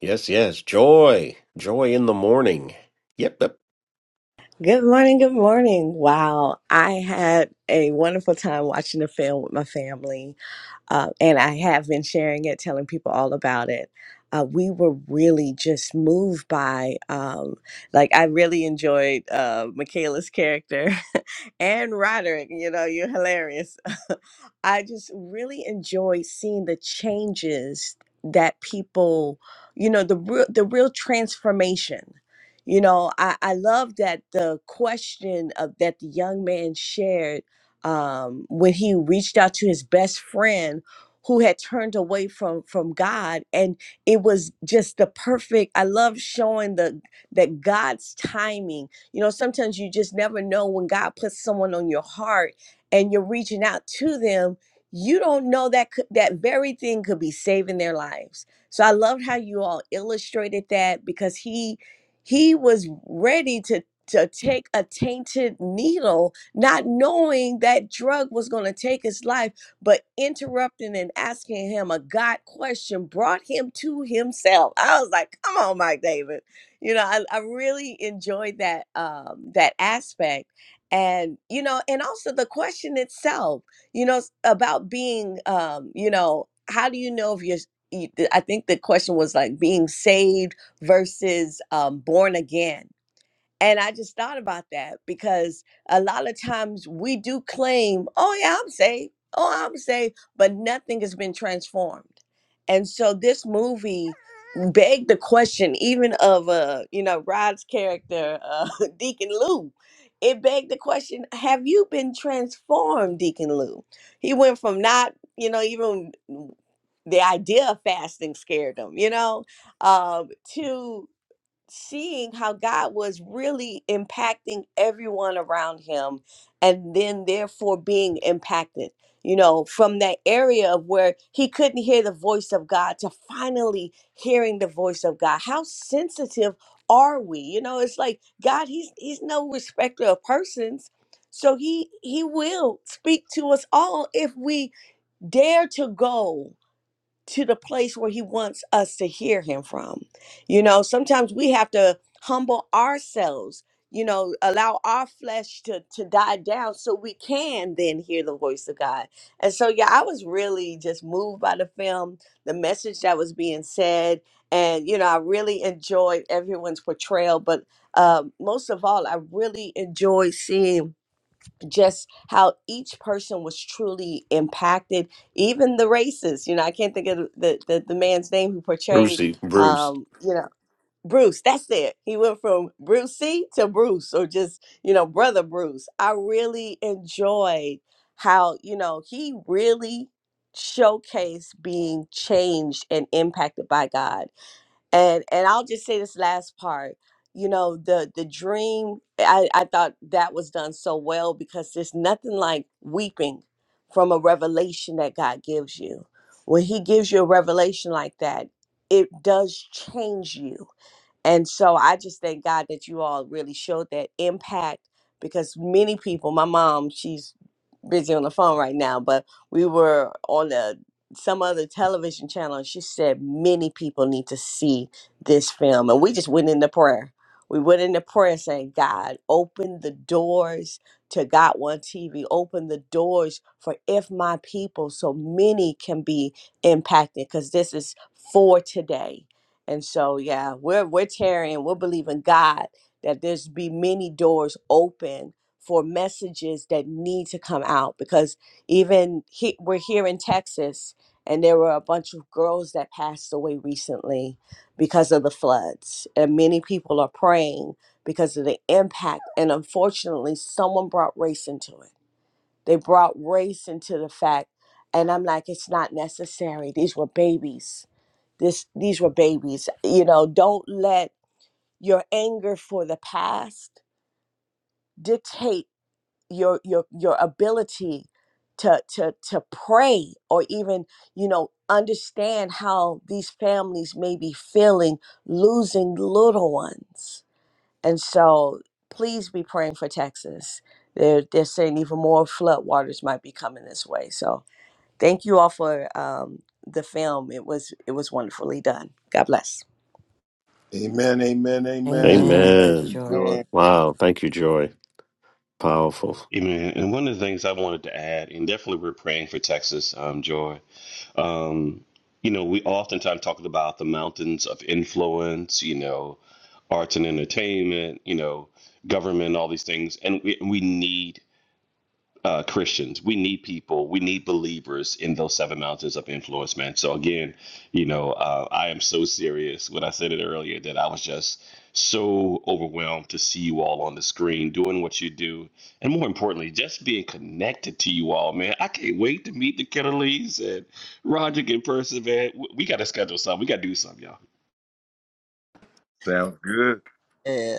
S1: Yes, yes. Joy, joy in the morning. Yep, yep.
S12: Good morning. Good morning. Wow. I had a wonderful time watching the film with my family uh, and I have been sharing it, telling people all about it. Uh, we were really just moved by, um, like, I really enjoyed uh, Michaela's character and Roderick. You know, you're hilarious. I just really enjoyed seeing the changes that people, you know, the real, the real transformation. You know, I, I love that the question of, that the young man shared um, when he reached out to his best friend who had turned away from from God and it was just the perfect I love showing the that God's timing you know sometimes you just never know when God puts someone on your heart and you're reaching out to them you don't know that could, that very thing could be saving their lives so I loved how you all illustrated that because he he was ready to to take a tainted needle not knowing that drug was going to take his life, but interrupting and asking him a God question brought him to himself. I was like, come on, Mike David. You know, I, I really enjoyed that um, that aspect. And you know, and also the question itself, you know, s- about being, um, you know, how do you know if you're? you- I think the question was like being saved versus um, born again and I just thought about that because a lot of times we do claim, oh, yeah, I'm safe. Oh, I'm safe. But nothing has been transformed. And so this movie begged the question, even of, uh, you know, Rod's character, uh, Deacon Lou. It begged the question, have you been transformed, Deacon Lou? He went from not, you know, even the idea of fasting scared him, you know, um, to seeing how God was really impacting everyone around him and then therefore being impacted, you know, from that area of where he couldn't hear the voice of God to finally hearing the voice of God. How sensitive are we? You know, it's like God, he's he's no respecter of persons. So he he will speak to us all if we dare to go to the place where he wants us to hear him from. You know, sometimes we have to humble ourselves, you know, allow our flesh to to die down so we can then hear the voice of God. And so yeah, I was really just moved by the film, the message that was being said, and you know, I really enjoyed everyone's portrayal, but um most of all, I really enjoyed seeing just how each person was truly impacted, even the races. You know, I can't think of the the, the, man's name who portrayed,
S1: Brucey, Bruce.
S12: um, you know, Bruce. That's it. He went from Brucey to Bruce, or just you know, brother Bruce. I really enjoyed how you know he really showcased being changed and impacted by God and and i'll just say this last part you know the the dream i i thought that was done so well because there's nothing like weeping from a revelation that god gives you when he gives you a revelation like that it does change you and so I just thank God that you all really showed that impact because many people, my mom, she's busy on the phone right now, but we were on a some other television channel and she said many people need to see this film. And we just went into prayer. We went into prayer saying, God, open the doors to Got One TV. Open the doors for if my people so many can be impacted because this is for today and so, yeah, we're we're tearing. We're believing God that there's be many doors open for messages that need to come out because even he, we're here in Texas, and there were a bunch of girls that passed away recently because of the floods, and many people are praying because of the impact. And unfortunately, someone brought race into it. They brought race into the fact, and I'm like, it's not necessary. These were babies this these were babies you know don't let your anger for the past dictate your your your ability to to to pray or even you know understand how these families may be feeling losing little ones and so please be praying for texas they're they're saying even more flood waters might be coming this way so thank you all for um the film it was it was wonderfully done god bless
S6: Amen, amen, amen.
S3: Amen.
S6: Thank
S3: Thank you,
S1: Amen.
S6: you,
S3: Jordan.
S6: George.
S2: Amen.
S1: Wow. Thank you, Joy. Powerful.
S5: Amen. And one of the things I wanted to add, and definitely we're praying for Texas, um, Joy. Um, you know, we oftentimes talk about the mountains of influence, you know, arts and entertainment, you know, government, all these things. And we, we need uh, Christians. We need people. We need believers in those seven mountains of influence, man. So again, you know, uh, I am so serious when I said it earlier that I was just so overwhelmed to see you all on the screen doing what you do, and more importantly, just being connected to you all, man. I can't wait to meet the Kennelys and Roger in person, man. W- We got to schedule something. We got to do something, y'all.
S6: Sounds good.
S2: Amen.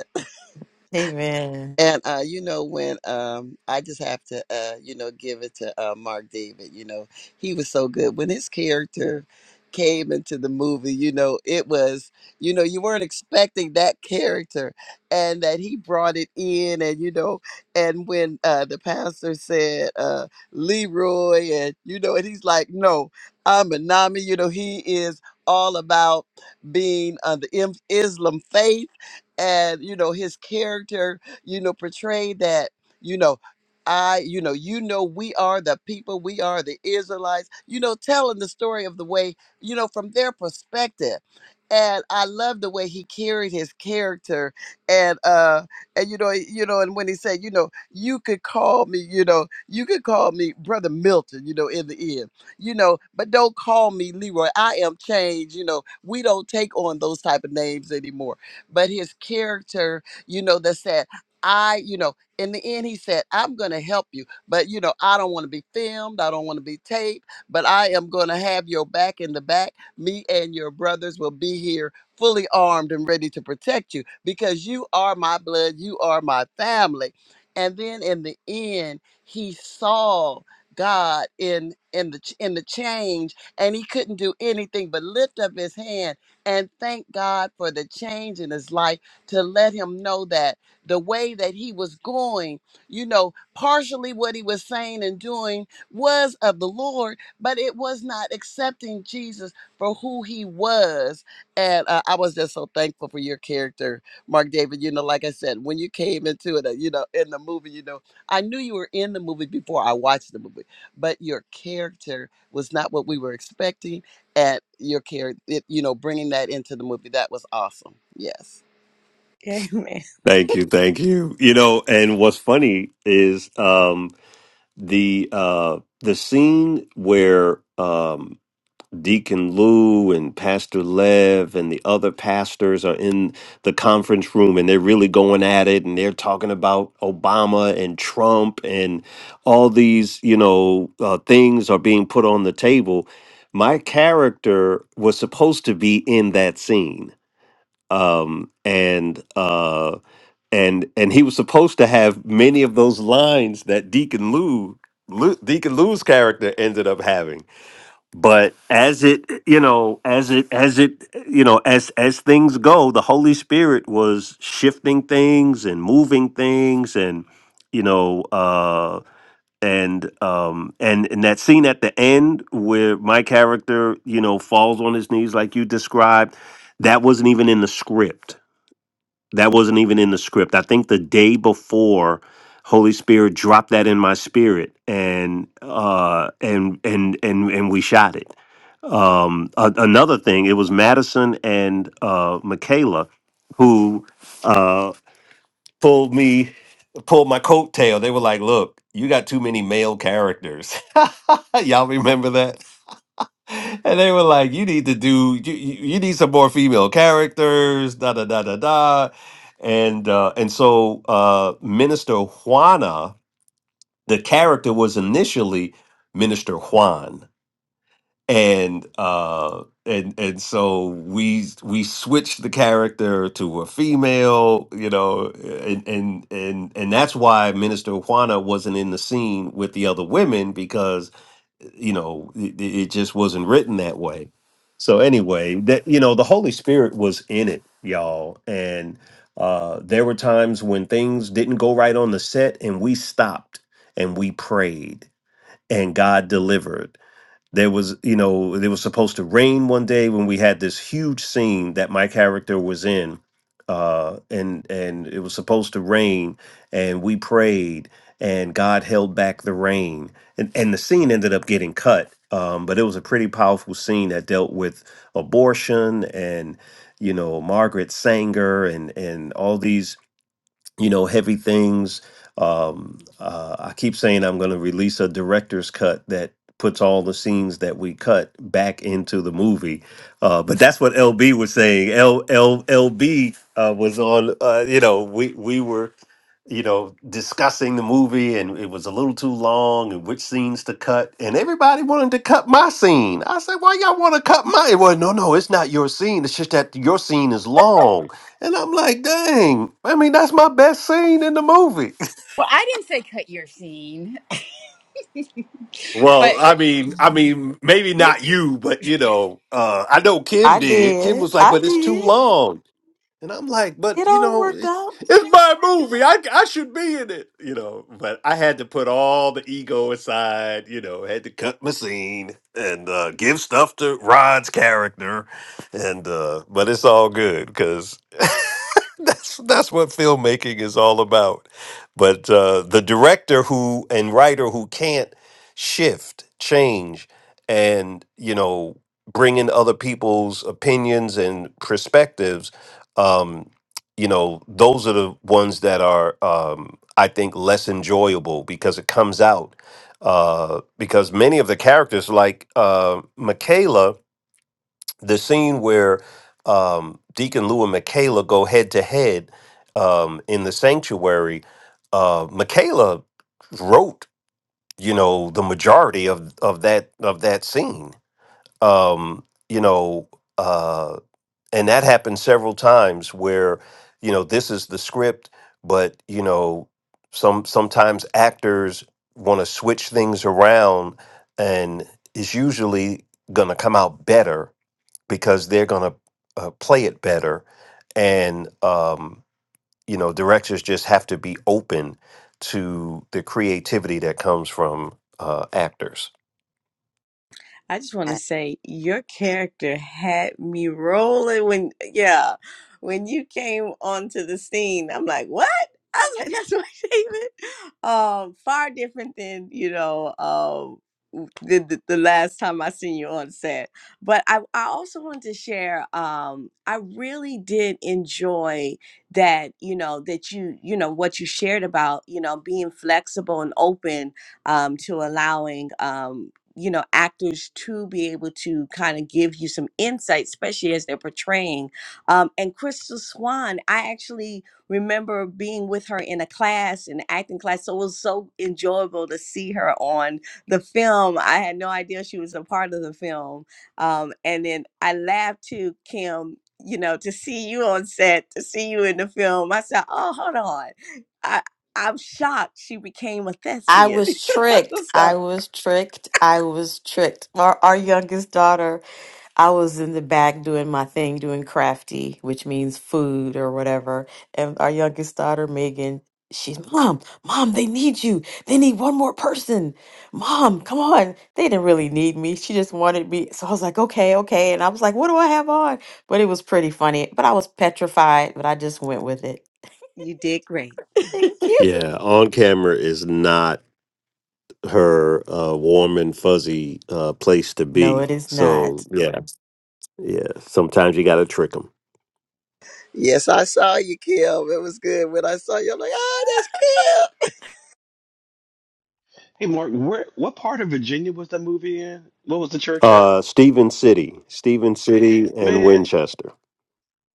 S3: Amen.
S2: And uh, you know, when um, I just have to, uh, you know, give it to uh, Mark David. You know, he was so good when his character came into the movie. You know, it was, you know, you weren't expecting that character, and that he brought it in, and you know, and when uh, the pastor said uh, Leroy, and you know, and he's like, no, I'm a Nami. You know, he is all about being on the Im- Islam faith, and you know, his character you know, portray that, you know, I, you know, you know, we are the people, we are the Israelites, you know, telling the story of the way, you know, from their perspective. And I love the way he carried his character and uh and you know you know and when he said you know you could call me you know you could call me brother Milton you know in the end you know but don't call me Leroy I am changed you know we don't take on those type of names anymore but his character you know that said I, you know, in the end, he said, I'm going to help you, but, you know, I don't want to be filmed. I don't want to be taped, but I am going to have your back in the back. Me and your brothers will be here fully armed and ready to protect you because you are my blood. You are my family. And then in the end, he saw God in in the ch- in the change and he couldn't do anything but lift up his hand and thank God for the change in his life to let him know that the way that he was going. You know, partially what he was saying and doing was of the Lord, but it was not accepting Jesus for who he was. And uh, I was just so thankful for your character, Mark David. You know, like I said, when you came into it, uh, you know, in the movie, you know, I knew you were in the movie before I watched the movie, but your character was not what we were expecting. And your character, you know, bringing that into the movie, that was awesome. Yes.
S12: amen
S1: Thank you, thank you. You know, and what's funny is um the uh the scene where um Deacon Lou and Pastor Lev and the other pastors are in the conference room and they're really going at it and they're talking about Obama and Trump and all these, you know, uh, things are being put on the table. My character was supposed to be in that scene um, and uh, and and he was supposed to have many of those lines that Deacon Lou, Lou Deacon Lou's character ended up having. But as it you know, as it as it you know, as as things go, the Holy Spirit was shifting things and moving things, and you know. Uh, and um and and that scene at the end where my character you know falls on his knees like you described that wasn't even in the script that wasn't even in the script. I think the day before, Holy Spirit dropped that in my spirit, and uh, and and and and we shot it. Um, a- another thing, it was Madison and uh, Michaela who uh, pulled me pulled my coattail. They were like, "Look, you got too many male characters." Y'all remember that? and they were like, "You need to do you, you you need some more female characters." Da da da da da, and uh, and so uh, Minister Juana, the character was initially Minister Juan, and uh, and and so we we switched the character to a female, you know, and and and and that's why Minister Juana wasn't in the scene with the other women because you know it, it just wasn't written that way so anyway that you know the holy spirit was in it y'all and uh there were times when things didn't go right on the set and we stopped and we prayed and god delivered there was you know it was supposed to rain one day when we had this huge scene that my character was in uh and and it was supposed to rain and we prayed and god held back the rain and and the scene ended up getting cut um but it was a pretty powerful scene that dealt with abortion and you know margaret sanger and and all these you know, heavy things. Um, uh, I keep saying I'm going to release a director's cut that puts all the scenes that we cut back into the movie. Uh, but that's what LB was saying. L, L, LB uh, was on, uh, you know, we, we were you know, discussing the movie and it was a little too long and which scenes to cut. And everybody wanted to cut my scene. I said, why y'all want to cut my? Well, no, no, it's not your scene. It's just that your scene is long. And I'm like, dang, I mean, that's my best scene in the movie.
S4: Well, I didn't say cut your scene,
S1: Well,
S4: but
S1: I mean, I mean, maybe not you, but you know, uh, I know Kim
S3: I
S1: did. Kim
S3: did.
S1: was like,
S3: I
S1: but it's too
S3: did.
S1: long. And I'm like,
S3: It
S1: but you
S3: all
S1: know,
S3: worked
S1: it's
S3: out.
S1: it's my movie. I I should be in it, you know. But I had to put all the ego aside, you know. Had to cut my scene and uh, give stuff to Rod's character, and uh, but it's all good because that's that's what filmmaking is all about. But uh, the director who and writer who can't shift, change, and you know, bring in other people's opinions and perspectives um, you know, those are the ones that are, um, I think, less enjoyable because it comes out. Uh, because many of the characters, like uh, Michaela, the scene where um, Deacon Lou and Michaela go head to head um, in the sanctuary, uh, Michaela wrote, you know, the majority of of that of that scene. Um, you know. uh, and that happened several times where you know this is the script but you know some sometimes actors want to switch things around and it's usually going to come out better because they're going to uh, play it better and um you know directors just have to be open to the creativity that comes from uh actors
S12: I just want to say your character had me rolling when yeah, when you came onto the scene. I'm like, what? I was like, that's my favorite. Um, far different than you know, um, the, the the last time I seen you on set. But I I also wanted to share. Um, I really did enjoy that you know that you you know what you shared about you know being flexible and open um, to allowing. um, you know actors to be able to kind of give you some insight especially as they're portraying um, and crystal swan i actually remember being with her in a class an acting class so it was so enjoyable to see her on the film i had no idea she was a part of the film um, and then i laughed too kim you know to see you on set to see you in the film i said oh hold on i i'm shocked she became a
S3: I
S12: thespian
S3: was tricked.
S12: so
S3: I was tricked. I was tricked. Our, our youngest daughter I was in the back doing my thing, doing crafty, which means food or whatever. And our youngest daughter, Megan, she's, Mom, Mom, they need you. They need one more person. Mom, come on. They didn't really need me. She just wanted me. So I was like, okay, okay. And I was like, what do I have on? But it was pretty funny. But I was petrified, but I just went with it.
S12: You did great.
S3: Thank you.
S1: Yeah, on camera is not her uh, warm and fuzzy uh, place to
S3: No, it
S1: be.
S3: is
S1: So
S3: not.
S1: yeah, yeah. Sometimes you got to trick them.
S2: Yes, I saw you, Kim. It was good when I saw you. I'm like, ah, that's
S5: Hey, Mark, where what part of Virginia was that movie in? What was the church at?
S1: Uh, Stephen City, Stephen City, and
S5: Man,
S1: Winchester.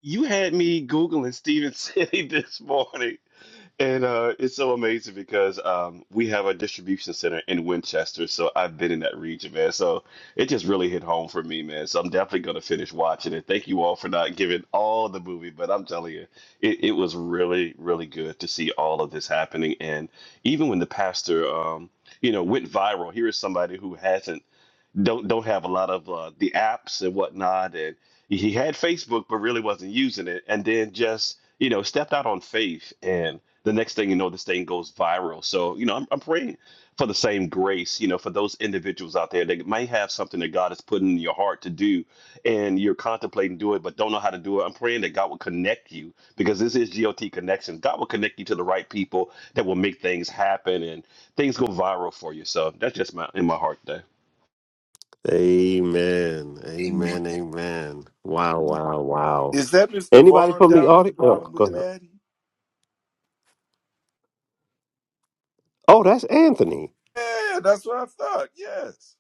S5: You had me Googling Stephen City this morning. And uh, it's so amazing because um, we have a distribution center in Winchester. So I've been in that region, man. So it just really hit home for me, man. So I'm definitely going to finish watching it. Thank you all for not giving all the movie, but I'm telling you, it, it was really, really good to see all of this happening. And even when the pastor, um, you know, went viral, here is somebody who hasn't don't don't have a lot of uh, the apps and whatnot. And he had Facebook, but really wasn't using it. And then just you know stepped out on faith, and the next thing you know, this thing goes viral. So you know, I'm, I'm praying for the same grace, you know, for those individuals out there that might have something that God has put in your heart to do, and you're contemplating doing it, but don't know how to do it. I'm praying that God will connect you because this is GOT Connections. God will connect you to the right people that will make things happen and things go viral for you. So that's just my in my heart
S1: Amen.
S11: Amen.
S1: Amen. Amen. Wow. Wow. Wow.
S6: Is that Mr.
S1: Anybody
S6: Vaughn
S1: from the
S6: down at the
S1: audience? Oh,
S6: bottom
S1: go
S6: with
S1: ahead.
S6: Maddie?
S1: Oh, that's Anthony.
S6: Yeah, that's what I thought. Yes.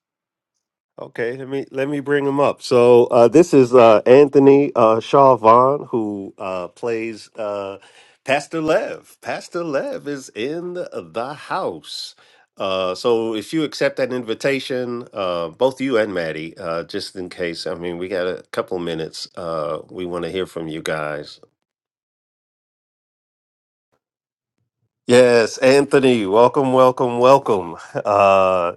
S1: Okay, let me let me bring him up. So uh, this is uh, Anthony uh, Shaw Vaughn, who uh, plays uh, Pastor Lev. Pastor Lev is in the house. Uh, so if you accept that invitation, uh, both you and Maddie, uh, just in case. I mean, we got a couple minutes. Uh, we want to hear from you guys. Yes, Anthony, welcome, welcome, welcome. Uh,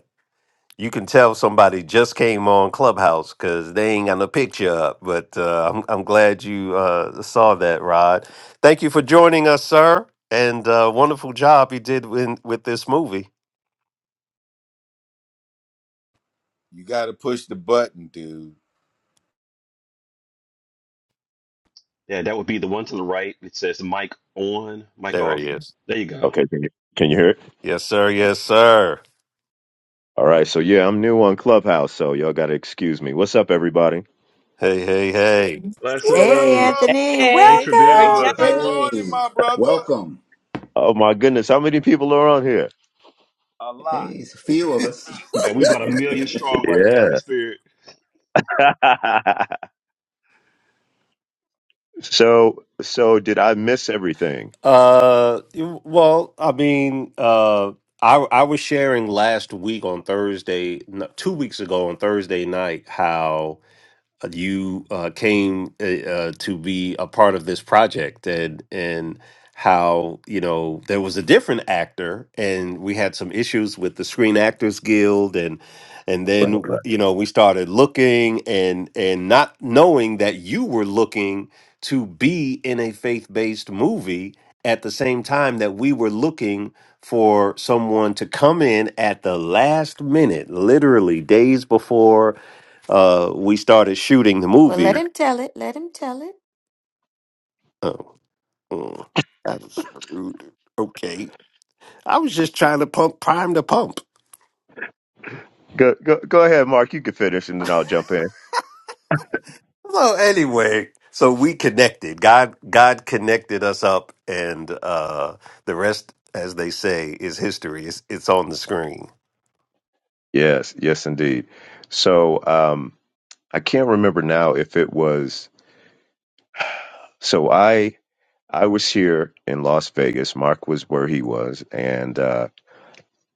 S1: you can tell somebody just came on Clubhouse because they ain't got no picture up. But uh, I'm I'm glad you uh, saw that, Rod. Thank you for joining us, sir, and uh, wonderful job you did in, with this movie.
S6: You got to push the button, dude.
S5: Yeah, that would be the one to the right. It says mic on, mic
S1: There
S5: off.
S1: he is.
S5: There you go.
S13: Okay, can you can you hear it?
S1: Yes, sir. Yes, sir.
S13: All right, so yeah, I'm new on Clubhouse, so y'all gotta excuse me. What's up, everybody?
S1: Hey, hey, hey.
S6: What
S3: Hey,
S6: up?
S3: Anthony,
S12: Hey, great
S6: Yo,
S3: welcome.
S6: good
S12: job.
S11: Hey,
S6: morning, my brother.
S11: welcome.
S13: Oh my goodness, how many people are on here?
S6: A lot.
S11: Hey, it's a few of us.
S5: And we bought a million straws.
S13: Yeah. so so did I miss everything?
S1: Uh, you- well, I mean, uh, I I was sharing last week on Thursday, no, two weeks ago on Thursday night how uh, you uh, came uh, uh, to be a part of this project and and how you know there was a different actor and we had some issues with the Screen Actors Guild and and then
S13: Right.
S1: w- you know we started looking and and not knowing that you were looking to be in a faith-based movie at the same time that we were looking for someone to come in at the last minute literally days before uh, we started shooting the
S3: Well,
S1: movie.
S3: let him tell it. Let him tell it.
S1: Oh, mm, that was rude. Okay, I was just trying to pump, prime the pump.
S13: Go go go ahead, Mark. You can finish, and then I'll jump in.
S1: Well, anyway, so we connected. God, God connected us up, and uh, the rest, as they say, is history. It's, it's on the screen.
S13: Yes, yes, indeed. So um, I can't remember now if it was. So I I was here in Las Vegas. Mark was where he was, and uh,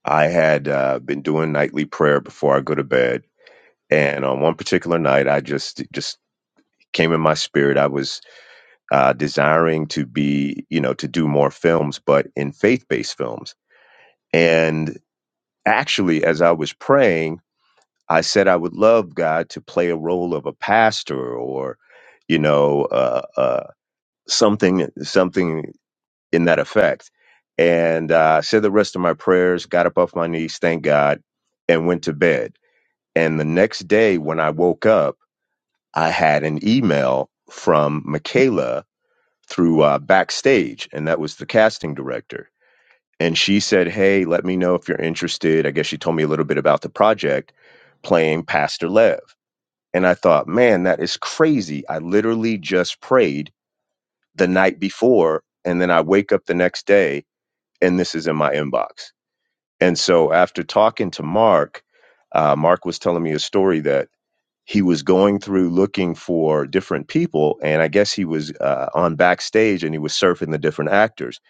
S13: I had uh, been doing nightly prayer before I go to bed And on one particular night, I just it just came in my spirit. I was uh, desiring to be, you know, to do more films, but in faith-based films. And actually, as I was praying, I said I would love God to play a role of a pastor or, you know, uh, uh, something something in that effect. And I uh, said the rest of my prayers, got up off my knees, thank God, and went to bed. And the next day, when I woke up. I had an email from Michaela through uh, Backstage, and that was the casting director. And she said, Hey, let me know if you're interested. I guess she told me a little bit about the project playing Pastor Lev. And I thought, Man, that is crazy. I literally just prayed the night before, and then I wake up the next day, and this is in my inbox. And so after talking to Mark, uh, Mark was telling me a story that he was going through looking for different people and i guess he was uh, on backstage and he was surfing the different actors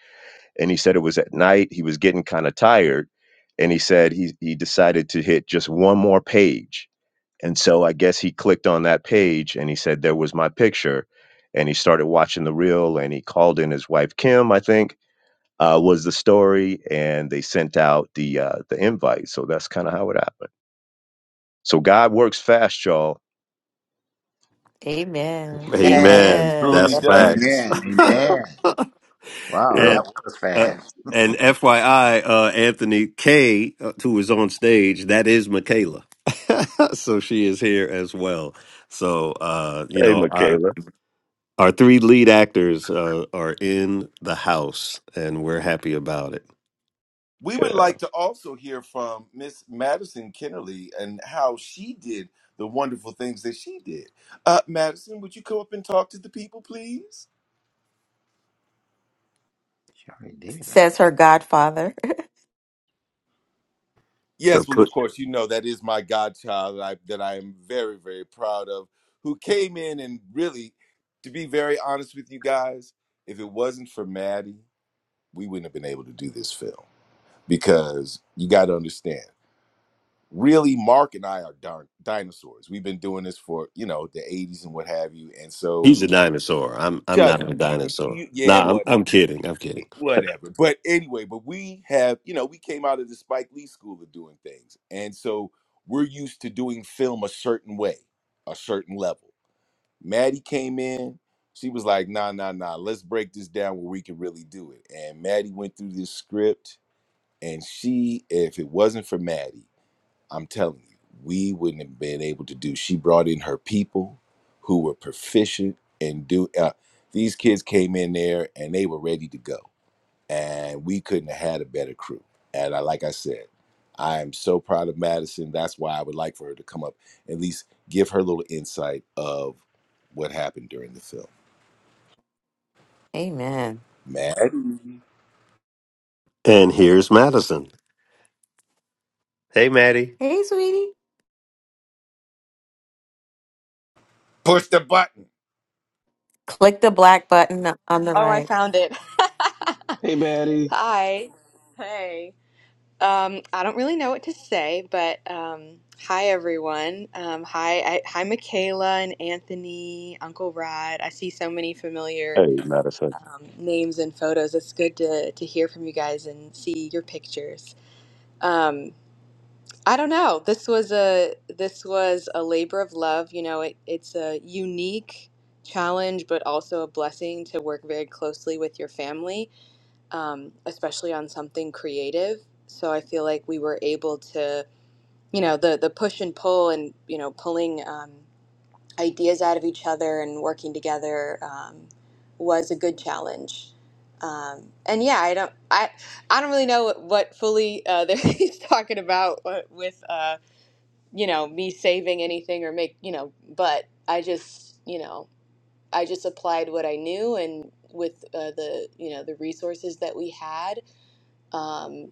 S13: and he said it was at night he was getting kind of tired and he said he, he decided to hit just one more page and so i guess he clicked on that page and he said there was my picture and he started watching the reel and he called in his wife kim i think uh, was the story and they sent out the uh, the invite so that's kind of how it happened so god works fast y'all
S3: Amen.
S2: Kim. And
S1: Amen.
S6: Truly
S3: Amen.
S1: That's
S6: does. It
S1: facts.
S11: Amen.
S6: truly
S11: Amen.
S6: does.
S11: Wow,
S13: Yeah.
S11: that
S1: And
S11: was
S1: uh,
S11: fast.
S1: and FYI, uh, Anthony K, uh, who is on stage, that is Michaela. so she is here as well. So uh, you
S13: Hey,
S1: know, our
S13: Michaela.
S1: our three lead actors uh, are in the house, and we're happy about it.
S6: We would
S13: Yeah.
S6: like to also hear from Miss Madison Kennerly and how she did the wonderful things that she did. Uh, Madison, would you come up and talk to the people, please?
S11: Sure did.
S3: says her godfather.
S1: Her
S6: Yes, well,
S1: put,
S6: of course, you know that is my godchild that I, that I am very, very proud of, who came in and really, to be very honest with you guys, if it wasn't for Maddie, we wouldn't have been able to do this film because you got to understand. really mark and i are darn dinosaurs we've been doing this for you know the 80s and what have you and so
S1: he's a dinosaur. I'm I'm
S6: shut
S1: not a
S6: up you you,
S1: dinosaur.
S6: you yeah
S1: Nah, I'm
S6: whatever
S1: I'm kidding. I'm
S6: Eh,
S1: kidding.
S6: whatever but anyway but we have you know we came out of the spike lee school of doing things and so we're used to doing film a certain way a certain level maddie came in she was like nah nah nah let's break this down where we can really do it and maddie went through this script and she if it wasn't for maddie I'm telling you, we wouldn't have been able to do. She brought in her people who were proficient and do. Uh, these kids came in there and they were ready to go, and we couldn't have had a better crew. And I, like I said, I am so proud of Madison. That's why I would like for her to come up at least give her little insight of what happened during the film.
S3: Amen.
S6: Man,
S1: And here's Madison. Hey, Maddie.
S3: Hey, sweetie.
S6: push the button.
S3: Click the black button on the
S14: Oh, I
S3: right.
S14: found it.
S5: Hey, baddie.
S14: Hi. Hey. Um, I don't really know what to say, but um, hi everyone. Um, hi, I, hi Michaela and Anthony, Uncle Rod. I see so many familiar
S13: Hey, Madison.
S14: um, names and photos. It's good to to hear from you guys and see your pictures. Um, I don't know. This was a this was a labor of love. You know, it, it's a unique challenge, but also a blessing to work very closely with your family um, especially on something creative. So I feel like we were able to, you know, the the push and pull and you know pulling um, ideas out of each other and working together um, was a good challenge. Um, and yeah, I don't, I, I don't really know what, what fully uh, that he's talking about uh, with, uh, you know, me saving anything or make, you know, but I just, you know, I just applied what I knew and with uh, the, you know, the resources that we had um,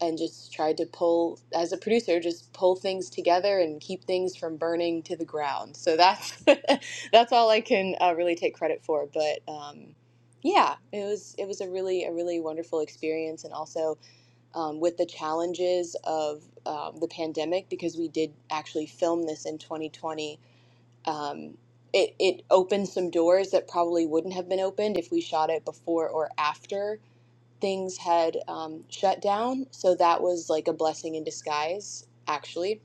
S14: and just tried to pull as a producer just pull things together and keep things from burning to the ground so that's that's all i can uh, really take credit for but um, yeah it was it was a really a really wonderful experience and also um, with the challenges of um, the pandemic because we did actually film this in 2020 um, it, it opened some doors that probably wouldn't have been opened if we shot it before or after things had um, shut down. So that was like a blessing in disguise, actually.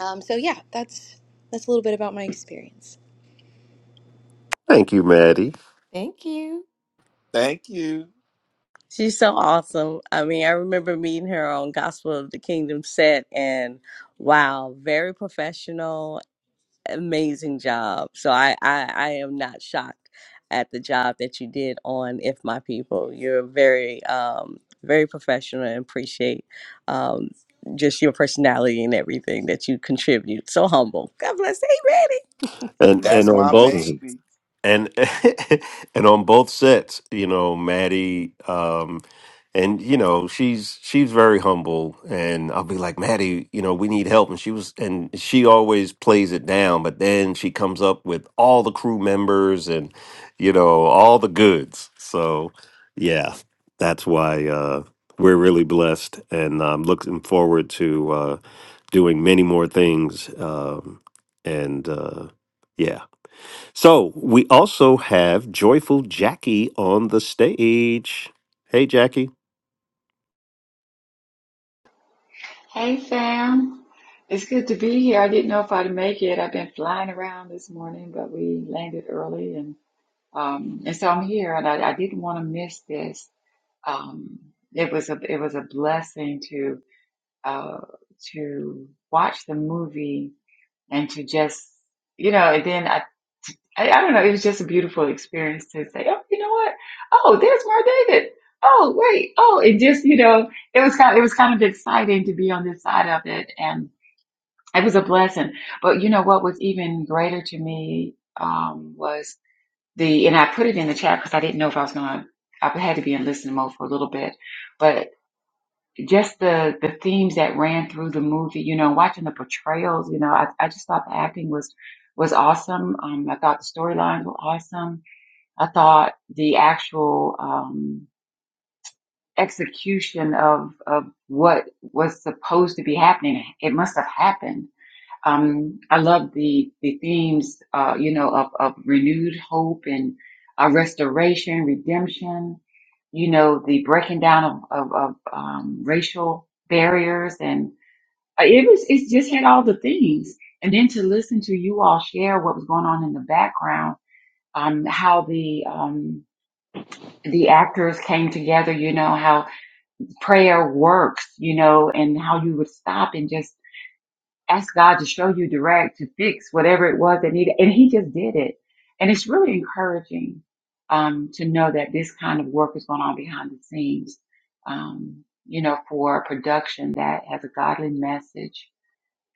S14: Um, so yeah, that's that's a little bit about my experience.
S1: Thank you, Maddie.
S3: Thank you.
S6: Thank you.
S12: She's so awesome. I mean, I remember meeting her on Gospel of the Kingdom set and wow, very professional amazing job. So I, I, I am not shocked at the job that you did on If My People. You're very, um, very professional and appreciate um, just your personality and everything that you contribute. So humble. God bless. Hey, ready.
S1: And and
S6: That's
S1: on
S6: my
S1: both
S13: Mhm.
S6: baby.
S1: and and on both sets, you know, Maddie, um, and you know, she's she's very humble, and I'll be like, Maddie, you know, we need help, and she was, and she always plays it down, but then she comes up with all the crew members and you know all the goods. So yeah, that's why uh, we're really blessed, and I'm looking forward to uh, doing many more things, um, and. Uh, yeah so we also have joyful Jackie on the stage. Hey, Jackie.
S15: Hey fam, it's good to be here. I didn't know if I'd make it. I've been flying around this morning, but we landed early, and um, and so I'm here. And I, I didn't want to miss this. Um, it was a it was a blessing to uh, to watch the movie and to just you know. And then I, I I don't know. It was just a beautiful experience to say, oh, you know what? Oh, there's Mar David. Oh, wait. Oh, it just you know, it was kind it was kind of exciting to be on this side of it and. It was a blessing. But you know what was even greater to me um, was the, and I put it in the chat because I didn't know if I was going to, I had to be in listening mode for a little bit. But just the the themes that ran through the movie, you know, watching the portrayals, you know, I, I just thought the acting was was awesome. Um, I thought the storylines were awesome. I thought the actual um, execution of of what was supposed to be happening, it must have happened um, I love the the themes, uh, you know, of, of renewed hope and uh, restoration, redemption. You know, the breaking down of of, of um, racial barriers, and uh, it was it just had all the things. And then to listen to you all share what was going on in the background, um, how the um, the actors came together, you know, how prayer works, you know, and how you would stop and just ask God to show you direct, to fix whatever it was that needed. And he just did it. And it's really encouraging um, to know that this kind of work is going on behind the scenes, um, you know, for a production that has a godly message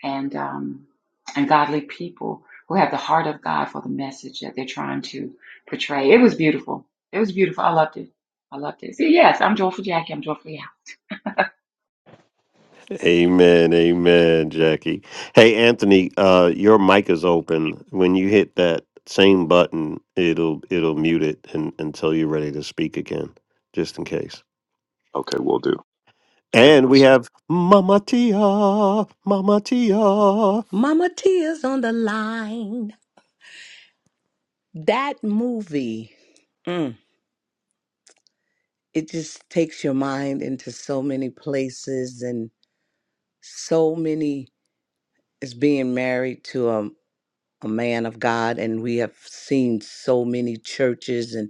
S15: and, um, and godly people who have the heart of God for the message that they're trying to portray. It was beautiful. It was beautiful. I loved it. I loved it. So yes, I'm joyful Jackie. I'm joyful. Yeah.
S1: Amen, amen, Jackie. Hey, Anthony, uh, your mic is open. When you hit that same button, it'll it'll mute it and, until you're ready to speak again, just in case.
S13: Okay, we'll do. It
S1: And we
S13: was-
S1: have Mama Tia, Mama Tia.
S16: Mama Tia's on the line. That movie, mm, it just takes your mind into so many places and so many is being married to a, a man of God. And we have seen so many churches and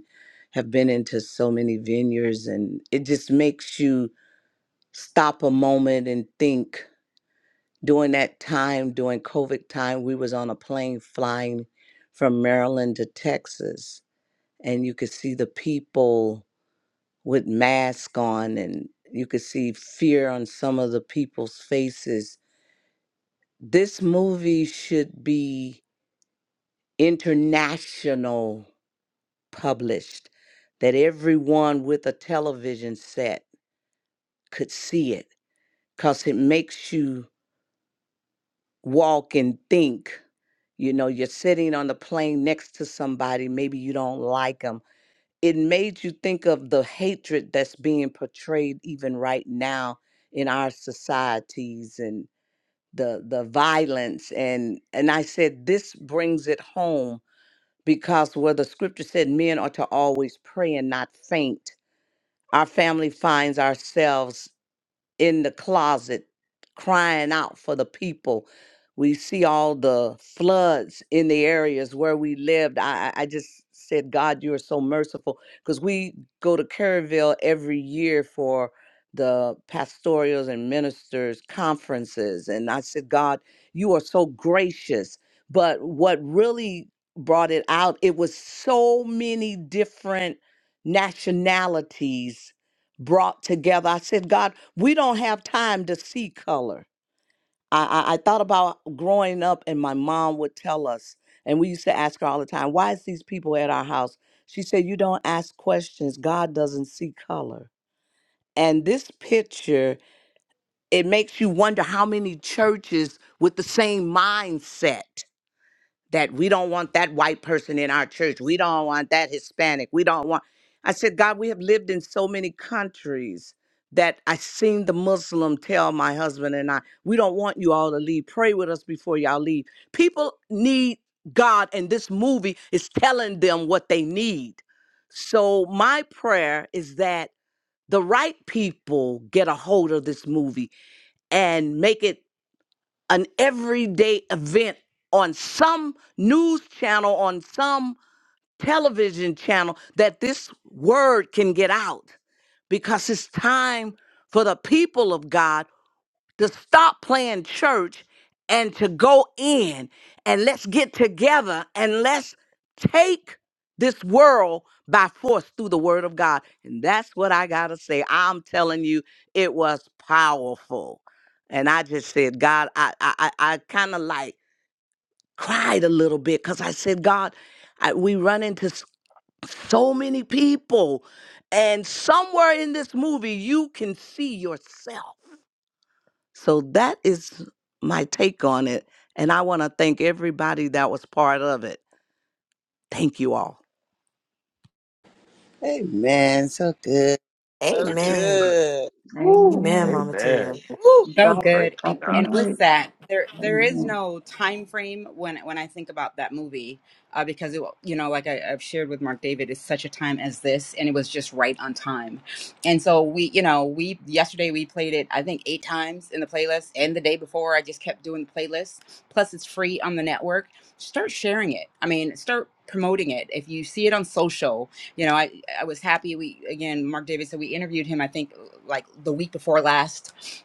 S16: have been into so many vineyards. And it just makes you stop a moment and think. During that time, during COVID time, we was on a plane flying from Maryland to Texas and you could see the people with masks on and you could see fear on some of the people's faces. This movie should be international published that everyone with a television set could see it cuz it makes you walk and think. You know, you're sitting on the plane next to somebody, maybe you don't like like them. it made you think of the hatred that's being portrayed even right now in our societies and the the violence and and I said this brings it home because where the scripture said men are to always pray and not faint our family finds ourselves in the closet crying out for the people. We see all the floods in the areas where we lived. I, I I just said, God, you are so merciful. Because we go to Kerrville every year for the pastorals and ministers conferences. And I said, God, you are so gracious. But what really brought it out, it was so many different nationalities brought together. I said, God, we don't have time to see color. I, I, I thought about growing up, and my mom would tell us, and we used to ask her all the time, why is these people at our house? She said, You don't ask questions. God doesn't see color. And this picture, it makes you wonder how many churches with the same mindset that we don't want that white person in our church. We don't want that Hispanic. We don't want. I said, God, we have lived in so many countries that I seen the Muslim tell my husband and I, we don't want you all to leave. Pray with us before y'all leave. People need God, and this movie is telling them what they need. So my prayer is that the right people get a hold of this movie and make it an everyday event on some news channel, on some television channel, that this word can get out because it's time for the people of God to stop playing church and to go in and let's get together and let's take this world by force through the word of God. And that's what I got to say. I'm telling you, it was powerful. And I just said, God, I, I, I kind of like cried a little bit because I said, God, I, we run into s- so many people. And somewhere in this movie, you can see yourself so that is my take on it. And I want to thank everybody that was part of it. Thank you all.
S2: Hey man, so good. So
S13: Thank you.
S3: Amen.
S2: good.
S3: Amen,
S15: Amen.
S3: Mama Tia. Woo.
S4: So
S15: Joyful.
S4: good. And
S15: the
S4: and
S15: Mike.
S4: with that, there there is
S15: Amen.
S4: no time frame when when I think about that movie, uh, because it, you know, like I, I've shared with Mark David, it's such a time as this, and it was just right on time. And so we, you know, we yesterday we played it I think eight times in the playlist, and the day before I just kept doing the playlist. Plus, it's free on the network. Start sharing it. I mean, start promoting it if you see it on social you know i i was happy we again mark david said we interviewed him i think like the week before last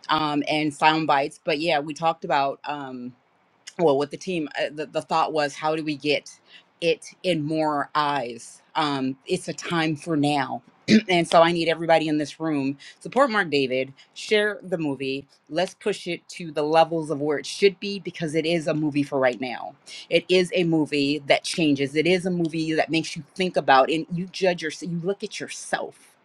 S4: um, and sound bites. But yeah, we talked about. Um, well with the team uh, the, the thought was how do we get it in more eyes um it's a time for now and so i need everybody in this room support mark david share the movie let's push it to the levels of where it should be because it is a movie for right now it is a movie that changes it is a movie that makes you think about and you judge yourself you look at yourself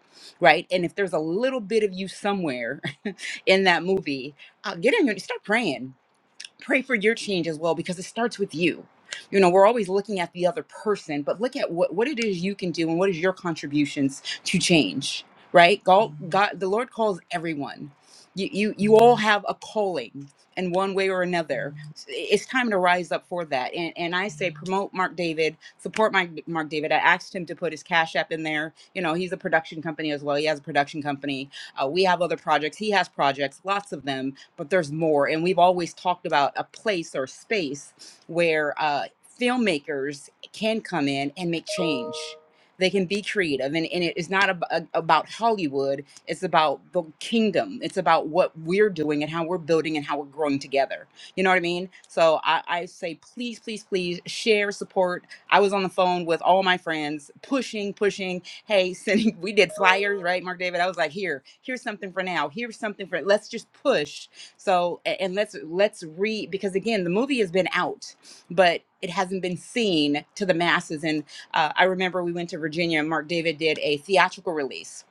S4: right and if there's a little bit of you somewhere in that movie uh, get in your start praying pray for your change as well because it starts with you. You know, we're always looking at the other person, but look at what, what it is you can do and what is your contributions to change, right? God, Mhm. God the Lord calls everyone. You, you, you all Mhm. have a calling in one way or another. Mhm. It's time to rise up for that. And, and I say, Mhm. promote Mark David, support Mike, Mark David. I asked him to put his Cash App in there. You know, he's a production company as well. He has a production company. Uh, we have other projects. He has projects, lots of them but there's more. And we've always talked about a place or space where uh, filmmakers can come in and make change. They can be creative, and, and it is not ab- a- about Hollywood. It's about the kingdom. It's about what we're doing and how we're building and how we're growing together. You know what I mean? So I, I say, please, please, please share, support. I was on the phone with all my friends, pushing, pushing. Hey, sending. We did flyers, right, Mark David? I was like, here, here's something for now. Here's something for. Let's just push so a- and let's let's read because again the movie has been out, but it hasn't been seen to the masses. And uh, I remember we went to Virginia and Mark David did a theatrical release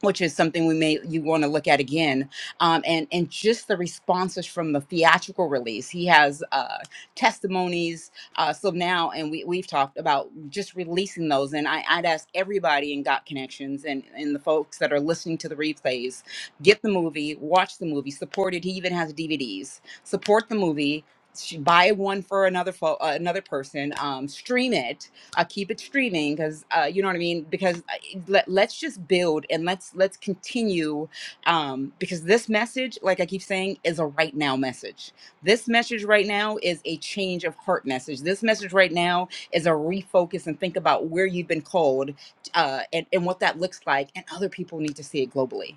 S4: which is something we may you want to look at again um, and and just the responses from the theatrical release he has uh, testimonies uh, so now and we, we've talked about just releasing those and I, i'd ask everybody in got connections and and the folks that are listening to the replays get the movie watch the movie support it he even has dvds support the movie sh- buy one for another fo- uh, another person um, stream it I'll keep it streaming because uh, you know what I mean. Because I- let, let's just build and let's let's continue um, because this message, like I keep saying, is a right now message. This message right now is a change of heart message. This message right now is a refocus and think about where you've been called uh, and and what that looks like. And other people need to see it globally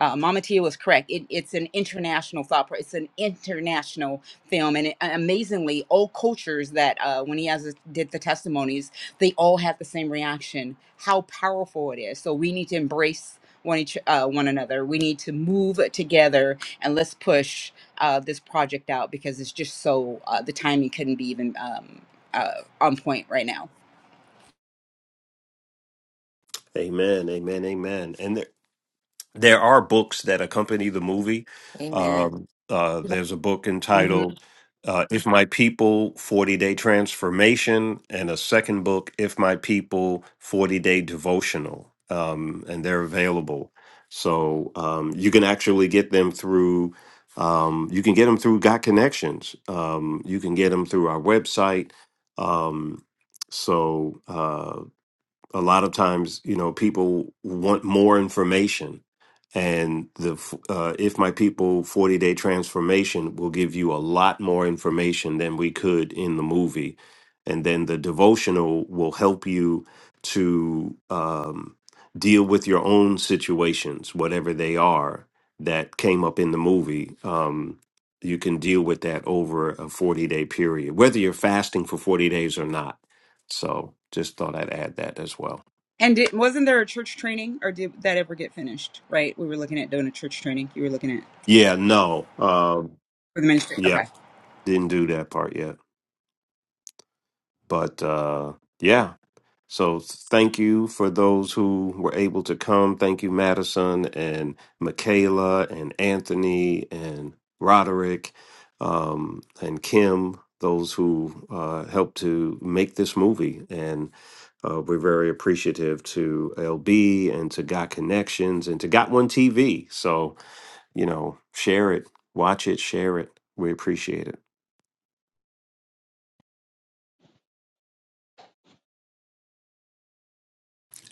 S4: uh, Mama Tia was correct. It, it's an international thought. pro- It's an international film, and it, uh, amazingly, all cultures that uh, when he has did the testimonies, they all had the same reaction. How powerful it is! So we need to embrace one each uh, one another. We need to move together, and let's push uh, this project out because it's just so uh, the timing couldn't be even um, uh, on point right now.
S1: Amen, amen, amen. And there are books that accompany the movie.
S3: Amen.
S1: Um, uh, there's a book entitled uh, "If My People: Forty Day Transformation," and a second book, "If My People: Forty Day Devotional," um, and they're available. So um, you can actually get them through. Um, you can get them through Got Connections. Um, you can get them through our website. Um, so. uh, a lot of times you know people want more information and the f- uh, if my people 40 day transformation will give you a lot more information than we could in the movie and then the devotional will help you to um, deal with your own situations whatever they are that came up in the movie um, you can deal with that over a 40 day period whether you're fasting for 40 days or not so just thought I'd add that as well.
S4: And it, wasn't there a church training, or did that ever get finished? Right, we were looking at doing a church training. You were looking at
S1: Yeah, no. Um,
S4: for the ministry.
S1: yeah,
S4: Okay.
S1: didn't do that part yet. But uh, yeah, so thank you for those who were able to come. Thank you, Madison and Michaela and Anthony and Roderick um, and Kim, those who uh, helped to make this movie. And uh, we're very appreciative to LB and to Got Connections and to Got One TV. So, you know, share it, watch it, share it. We appreciate it.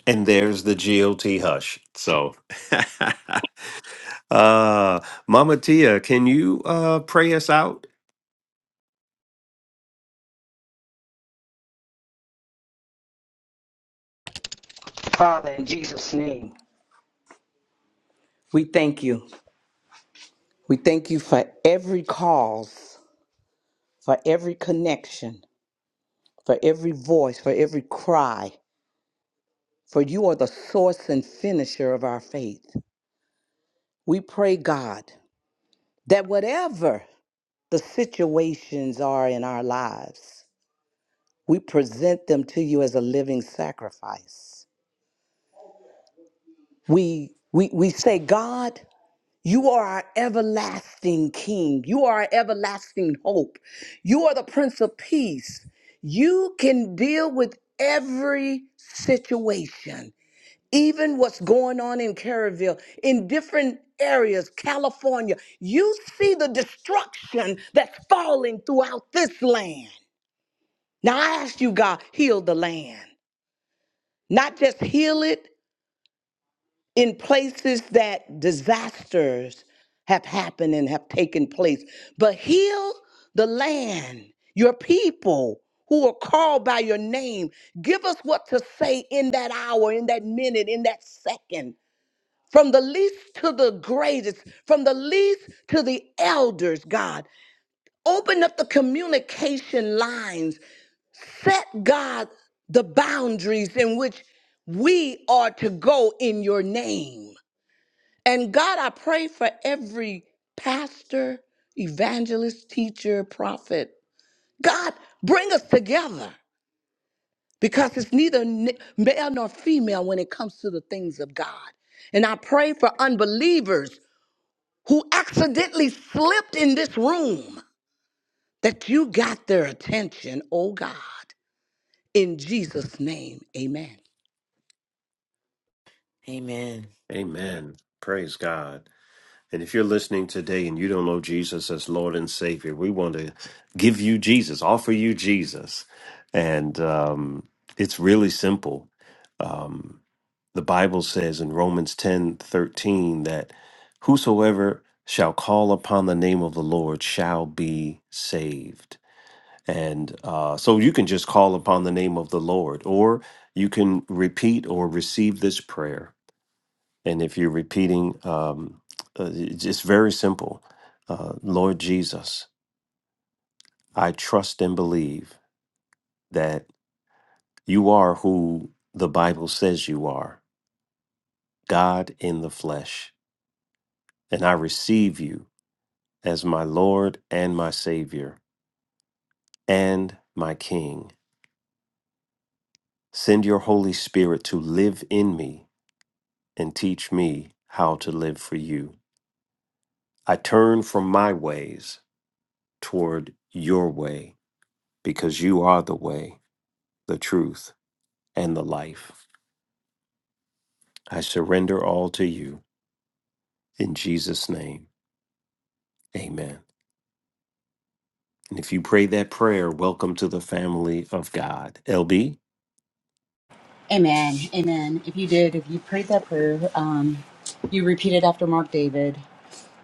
S1: And there's the GOT hush. So, uh, Mama Tia, can you uh, pray us out?
S16: Father, in Jesus' name, we thank you. We thank you for every cause, for every connection, for every voice, for every cry, for you are the source and finisher of our faith. We pray, God, that whatever the situations are in our lives, we present them to you as a living sacrifice. We, we, we say, God, you are our everlasting King. You are our everlasting hope. You are the Prince of Peace. You can deal with every situation. even what's going on in Caraville, in different areas, California, you see the destruction that's falling throughout this land. Now I ask you, God, heal the land. Not just heal it in places that disasters have happened and have taken place, but heal the land, your people who are called by your name. Give us what to say in that hour, in that minute, in that second from the least to the greatest, from the least to the elders, God. Open up the communication lines. Set, God, the boundaries in which we are to go in your name. And God, I pray for every pastor, evangelist, teacher, prophet. God, bring us together because it's neither n- male nor female when it comes to the things of God. And I pray for unbelievers who accidentally slipped in this room that you got their attention, oh God. In Jesus' name, amen.
S3: Amen.
S1: Amen. Praise God. And if you're listening today and you don't know Jesus as Lord and Savior, we want to give you Jesus, offer you Jesus. And um, it's really simple. Um, the Bible says in Romans 10:13 that whosoever shall call upon the name of the Lord shall be saved. And uh, so you can just call upon the name of the Lord, or you can repeat or receive this prayer. And if you're repeating, um, uh, it's it's very simple uh, Lord Jesus, I trust and believe that you are who the Bible says you are, God in the flesh. And I receive you as my Lord and my Savior and my King. Send your Holy Spirit to live in me and teach me how to live for you. I turn from my ways toward your way because you are the way, the truth, and the life. I surrender all to you in Jesus' name. Amen. And if you pray that prayer, welcome to the family of God. LB?
S4: Amen. Amen. If you did, if you prayed that prayer, um, you repeated after Mark David.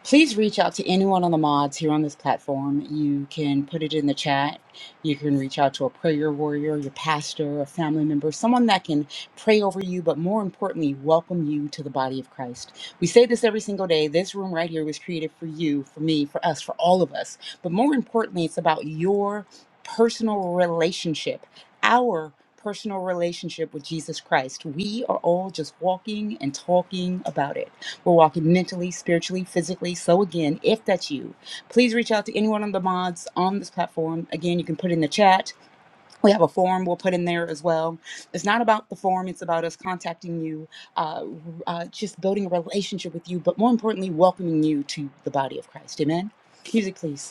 S4: please reach out to any one of the mods here on this platform. You can put it in the chat. You can reach out to a prayer warrior, your pastor, a family member, someone that can pray over you, but more importantly, welcome you to the body of Christ. We say this every single day. This room right here was created for you, for me, for us, for all of us. But more importantly, it's about your personal relationship. Our personal relationship with Jesus Christ. We are all just walking and talking about it. We're walking mentally, spiritually, physically. So, again, if that's you, please reach out to anyone on the mods on this platform. Again, you can put in the chat. We have a form we'll put in there as well. It's not about the form, it's about us contacting you, uh, uh, just building a relationship with you, but more importantly, welcoming you to the body of Christ. Amen? Music, please.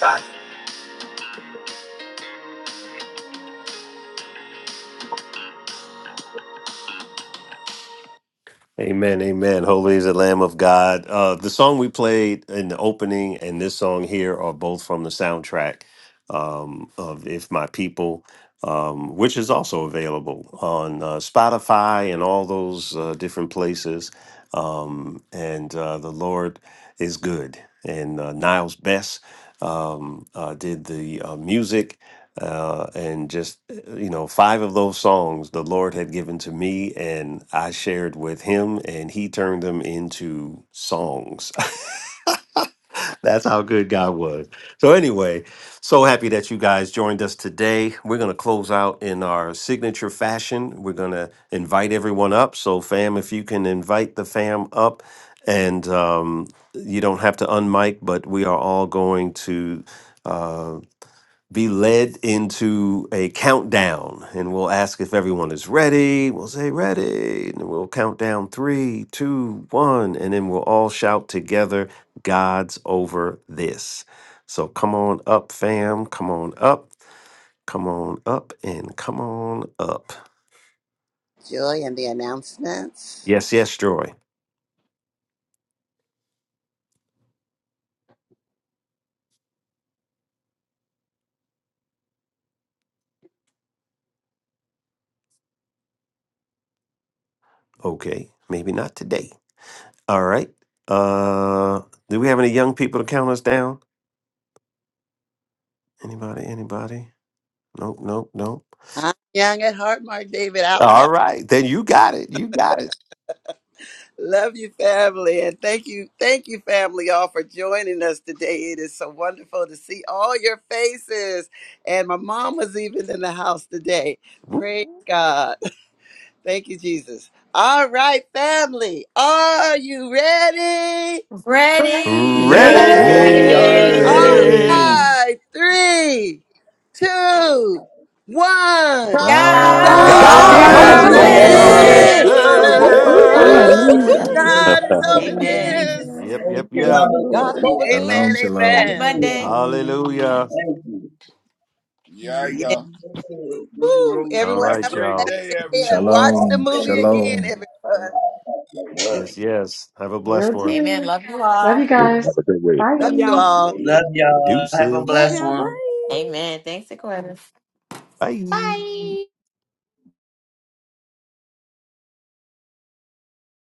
S1: Bye. Amen, amen. Holy is the Lamb of God. Uh, the song we played in the opening and this song here are both from the soundtrack um, of If My People, um, which is also available on uh, Spotify and all those uh, different places. Um, and uh, the Lord is good. And uh, Niles Best um, uh, did the uh, music uh, and just uh, you know five of those songs the lord had given to me and i shared with him and he turned them into songs that's how good god was so anyway so happy that you guys joined us today we're going to close out in our signature fashion we're going to invite everyone up so fam if you can invite the fam up and um, you don't have to unmic but we are all going to Uh, be led into a countdown and we'll ask if everyone is ready. We'll say ready and we'll count down three, two, one, and then we'll all shout together, God's over this. So come on up, fam. Come on up. Come on up and come on up.
S2: Joy and the announcements.
S1: Yes, yes, Joy. Okay. Maybe not today. All right. Uh do we have any young people to count us down? Anybody? Anybody? Nope, nope, nope.
S2: I'm young at heart, Mark David
S1: All
S2: Alcott.
S1: right, then you got it. You got it.
S2: Love you, family, and thank you, thank you, family, all for joining us today. It is so wonderful to see all your faces. And my mom was even in the house today. Praise God. Thank you, Jesus. All right, family. Are you ready?
S17: Ready!
S3: Ready.
S18: God
S19: Let
S6: Yeah,
S12: Ready?
S2: All
S1: Ready?
S20: Hey,
S2: right. Three, two, one.
S8: God
S18: is
S3: God's
S15: God's
S18: over
S20: God's
S2: God
S3: over.
S16: God's
S2: is
S12: God's
S13: That
S15: over
S8: over
S6: God
S1: God's
S16: over
S17: God
S13: is
S2: over
S19: God's
S3: Yes.
S12: over
S17: is
S16: this.
S13: over
S15: this.
S17: open.
S19: over
S18: this.
S1: over
S13: this.
S8: this.
S2: this.
S12: this.
S20: over
S6: over
S19: this.
S3: Woo,
S12: Woo,
S3: woo,
S12: woo, woo,
S3: woo.
S12: woo,
S17: Hallelujah.
S16: Whoop,
S8: Woo-hoo.
S1: this.
S12: woo,
S2: Hallelujah.
S17: Thank
S12: woo,
S17: you,
S15: Hallelujah.
S12: woo,
S19: Woo!
S17: Jesus.
S2: God is
S18: Amen.
S6: this.
S2: over
S17: Hallelujah,
S3: Amen.
S2: this.
S17: Jesus.
S1: Yep,
S19: Hallelujah.
S17: Thank
S1: yep,
S17: you.
S15: Thank you,
S1: yep.
S16: God's
S15: Lord.
S16: over
S17: Hallelujah.
S16: this.
S2: Amen.
S8: Shalom,
S3: Happy
S8: shalom,
S2: Amen.
S17: Hallelujah.
S3: Monday.
S1: Hallelujah.
S15: Amen.
S17: Thank
S6: Yeah,
S2: Yeah.
S6: yeah.
S15: Amen.
S17: you.
S2: Woo.
S1: All
S2: Everyone
S6: Have a
S1: right,
S2: have a
S6: great
S1: y'all.
S6: day,
S2: blessed day and
S6: everyone.
S2: watch the
S8: shalom,
S2: movie
S8: shalom.
S2: again, everyone.
S1: Yes, yes. Have a blessed
S15: Will
S1: one.
S3: Amen.
S15: do.
S3: Love you
S15: Love you
S3: all.
S13: Everyone
S15: guys.
S13: have a good week.
S2: Love you
S15: Bye.
S2: all.
S17: Love y'all. Have a
S1: Deuces.
S12: Love
S17: blessed
S12: y'all.
S17: one.
S12: Bye.
S3: Amen. Thanks, Aquinas.
S1: Bye.
S3: Bye.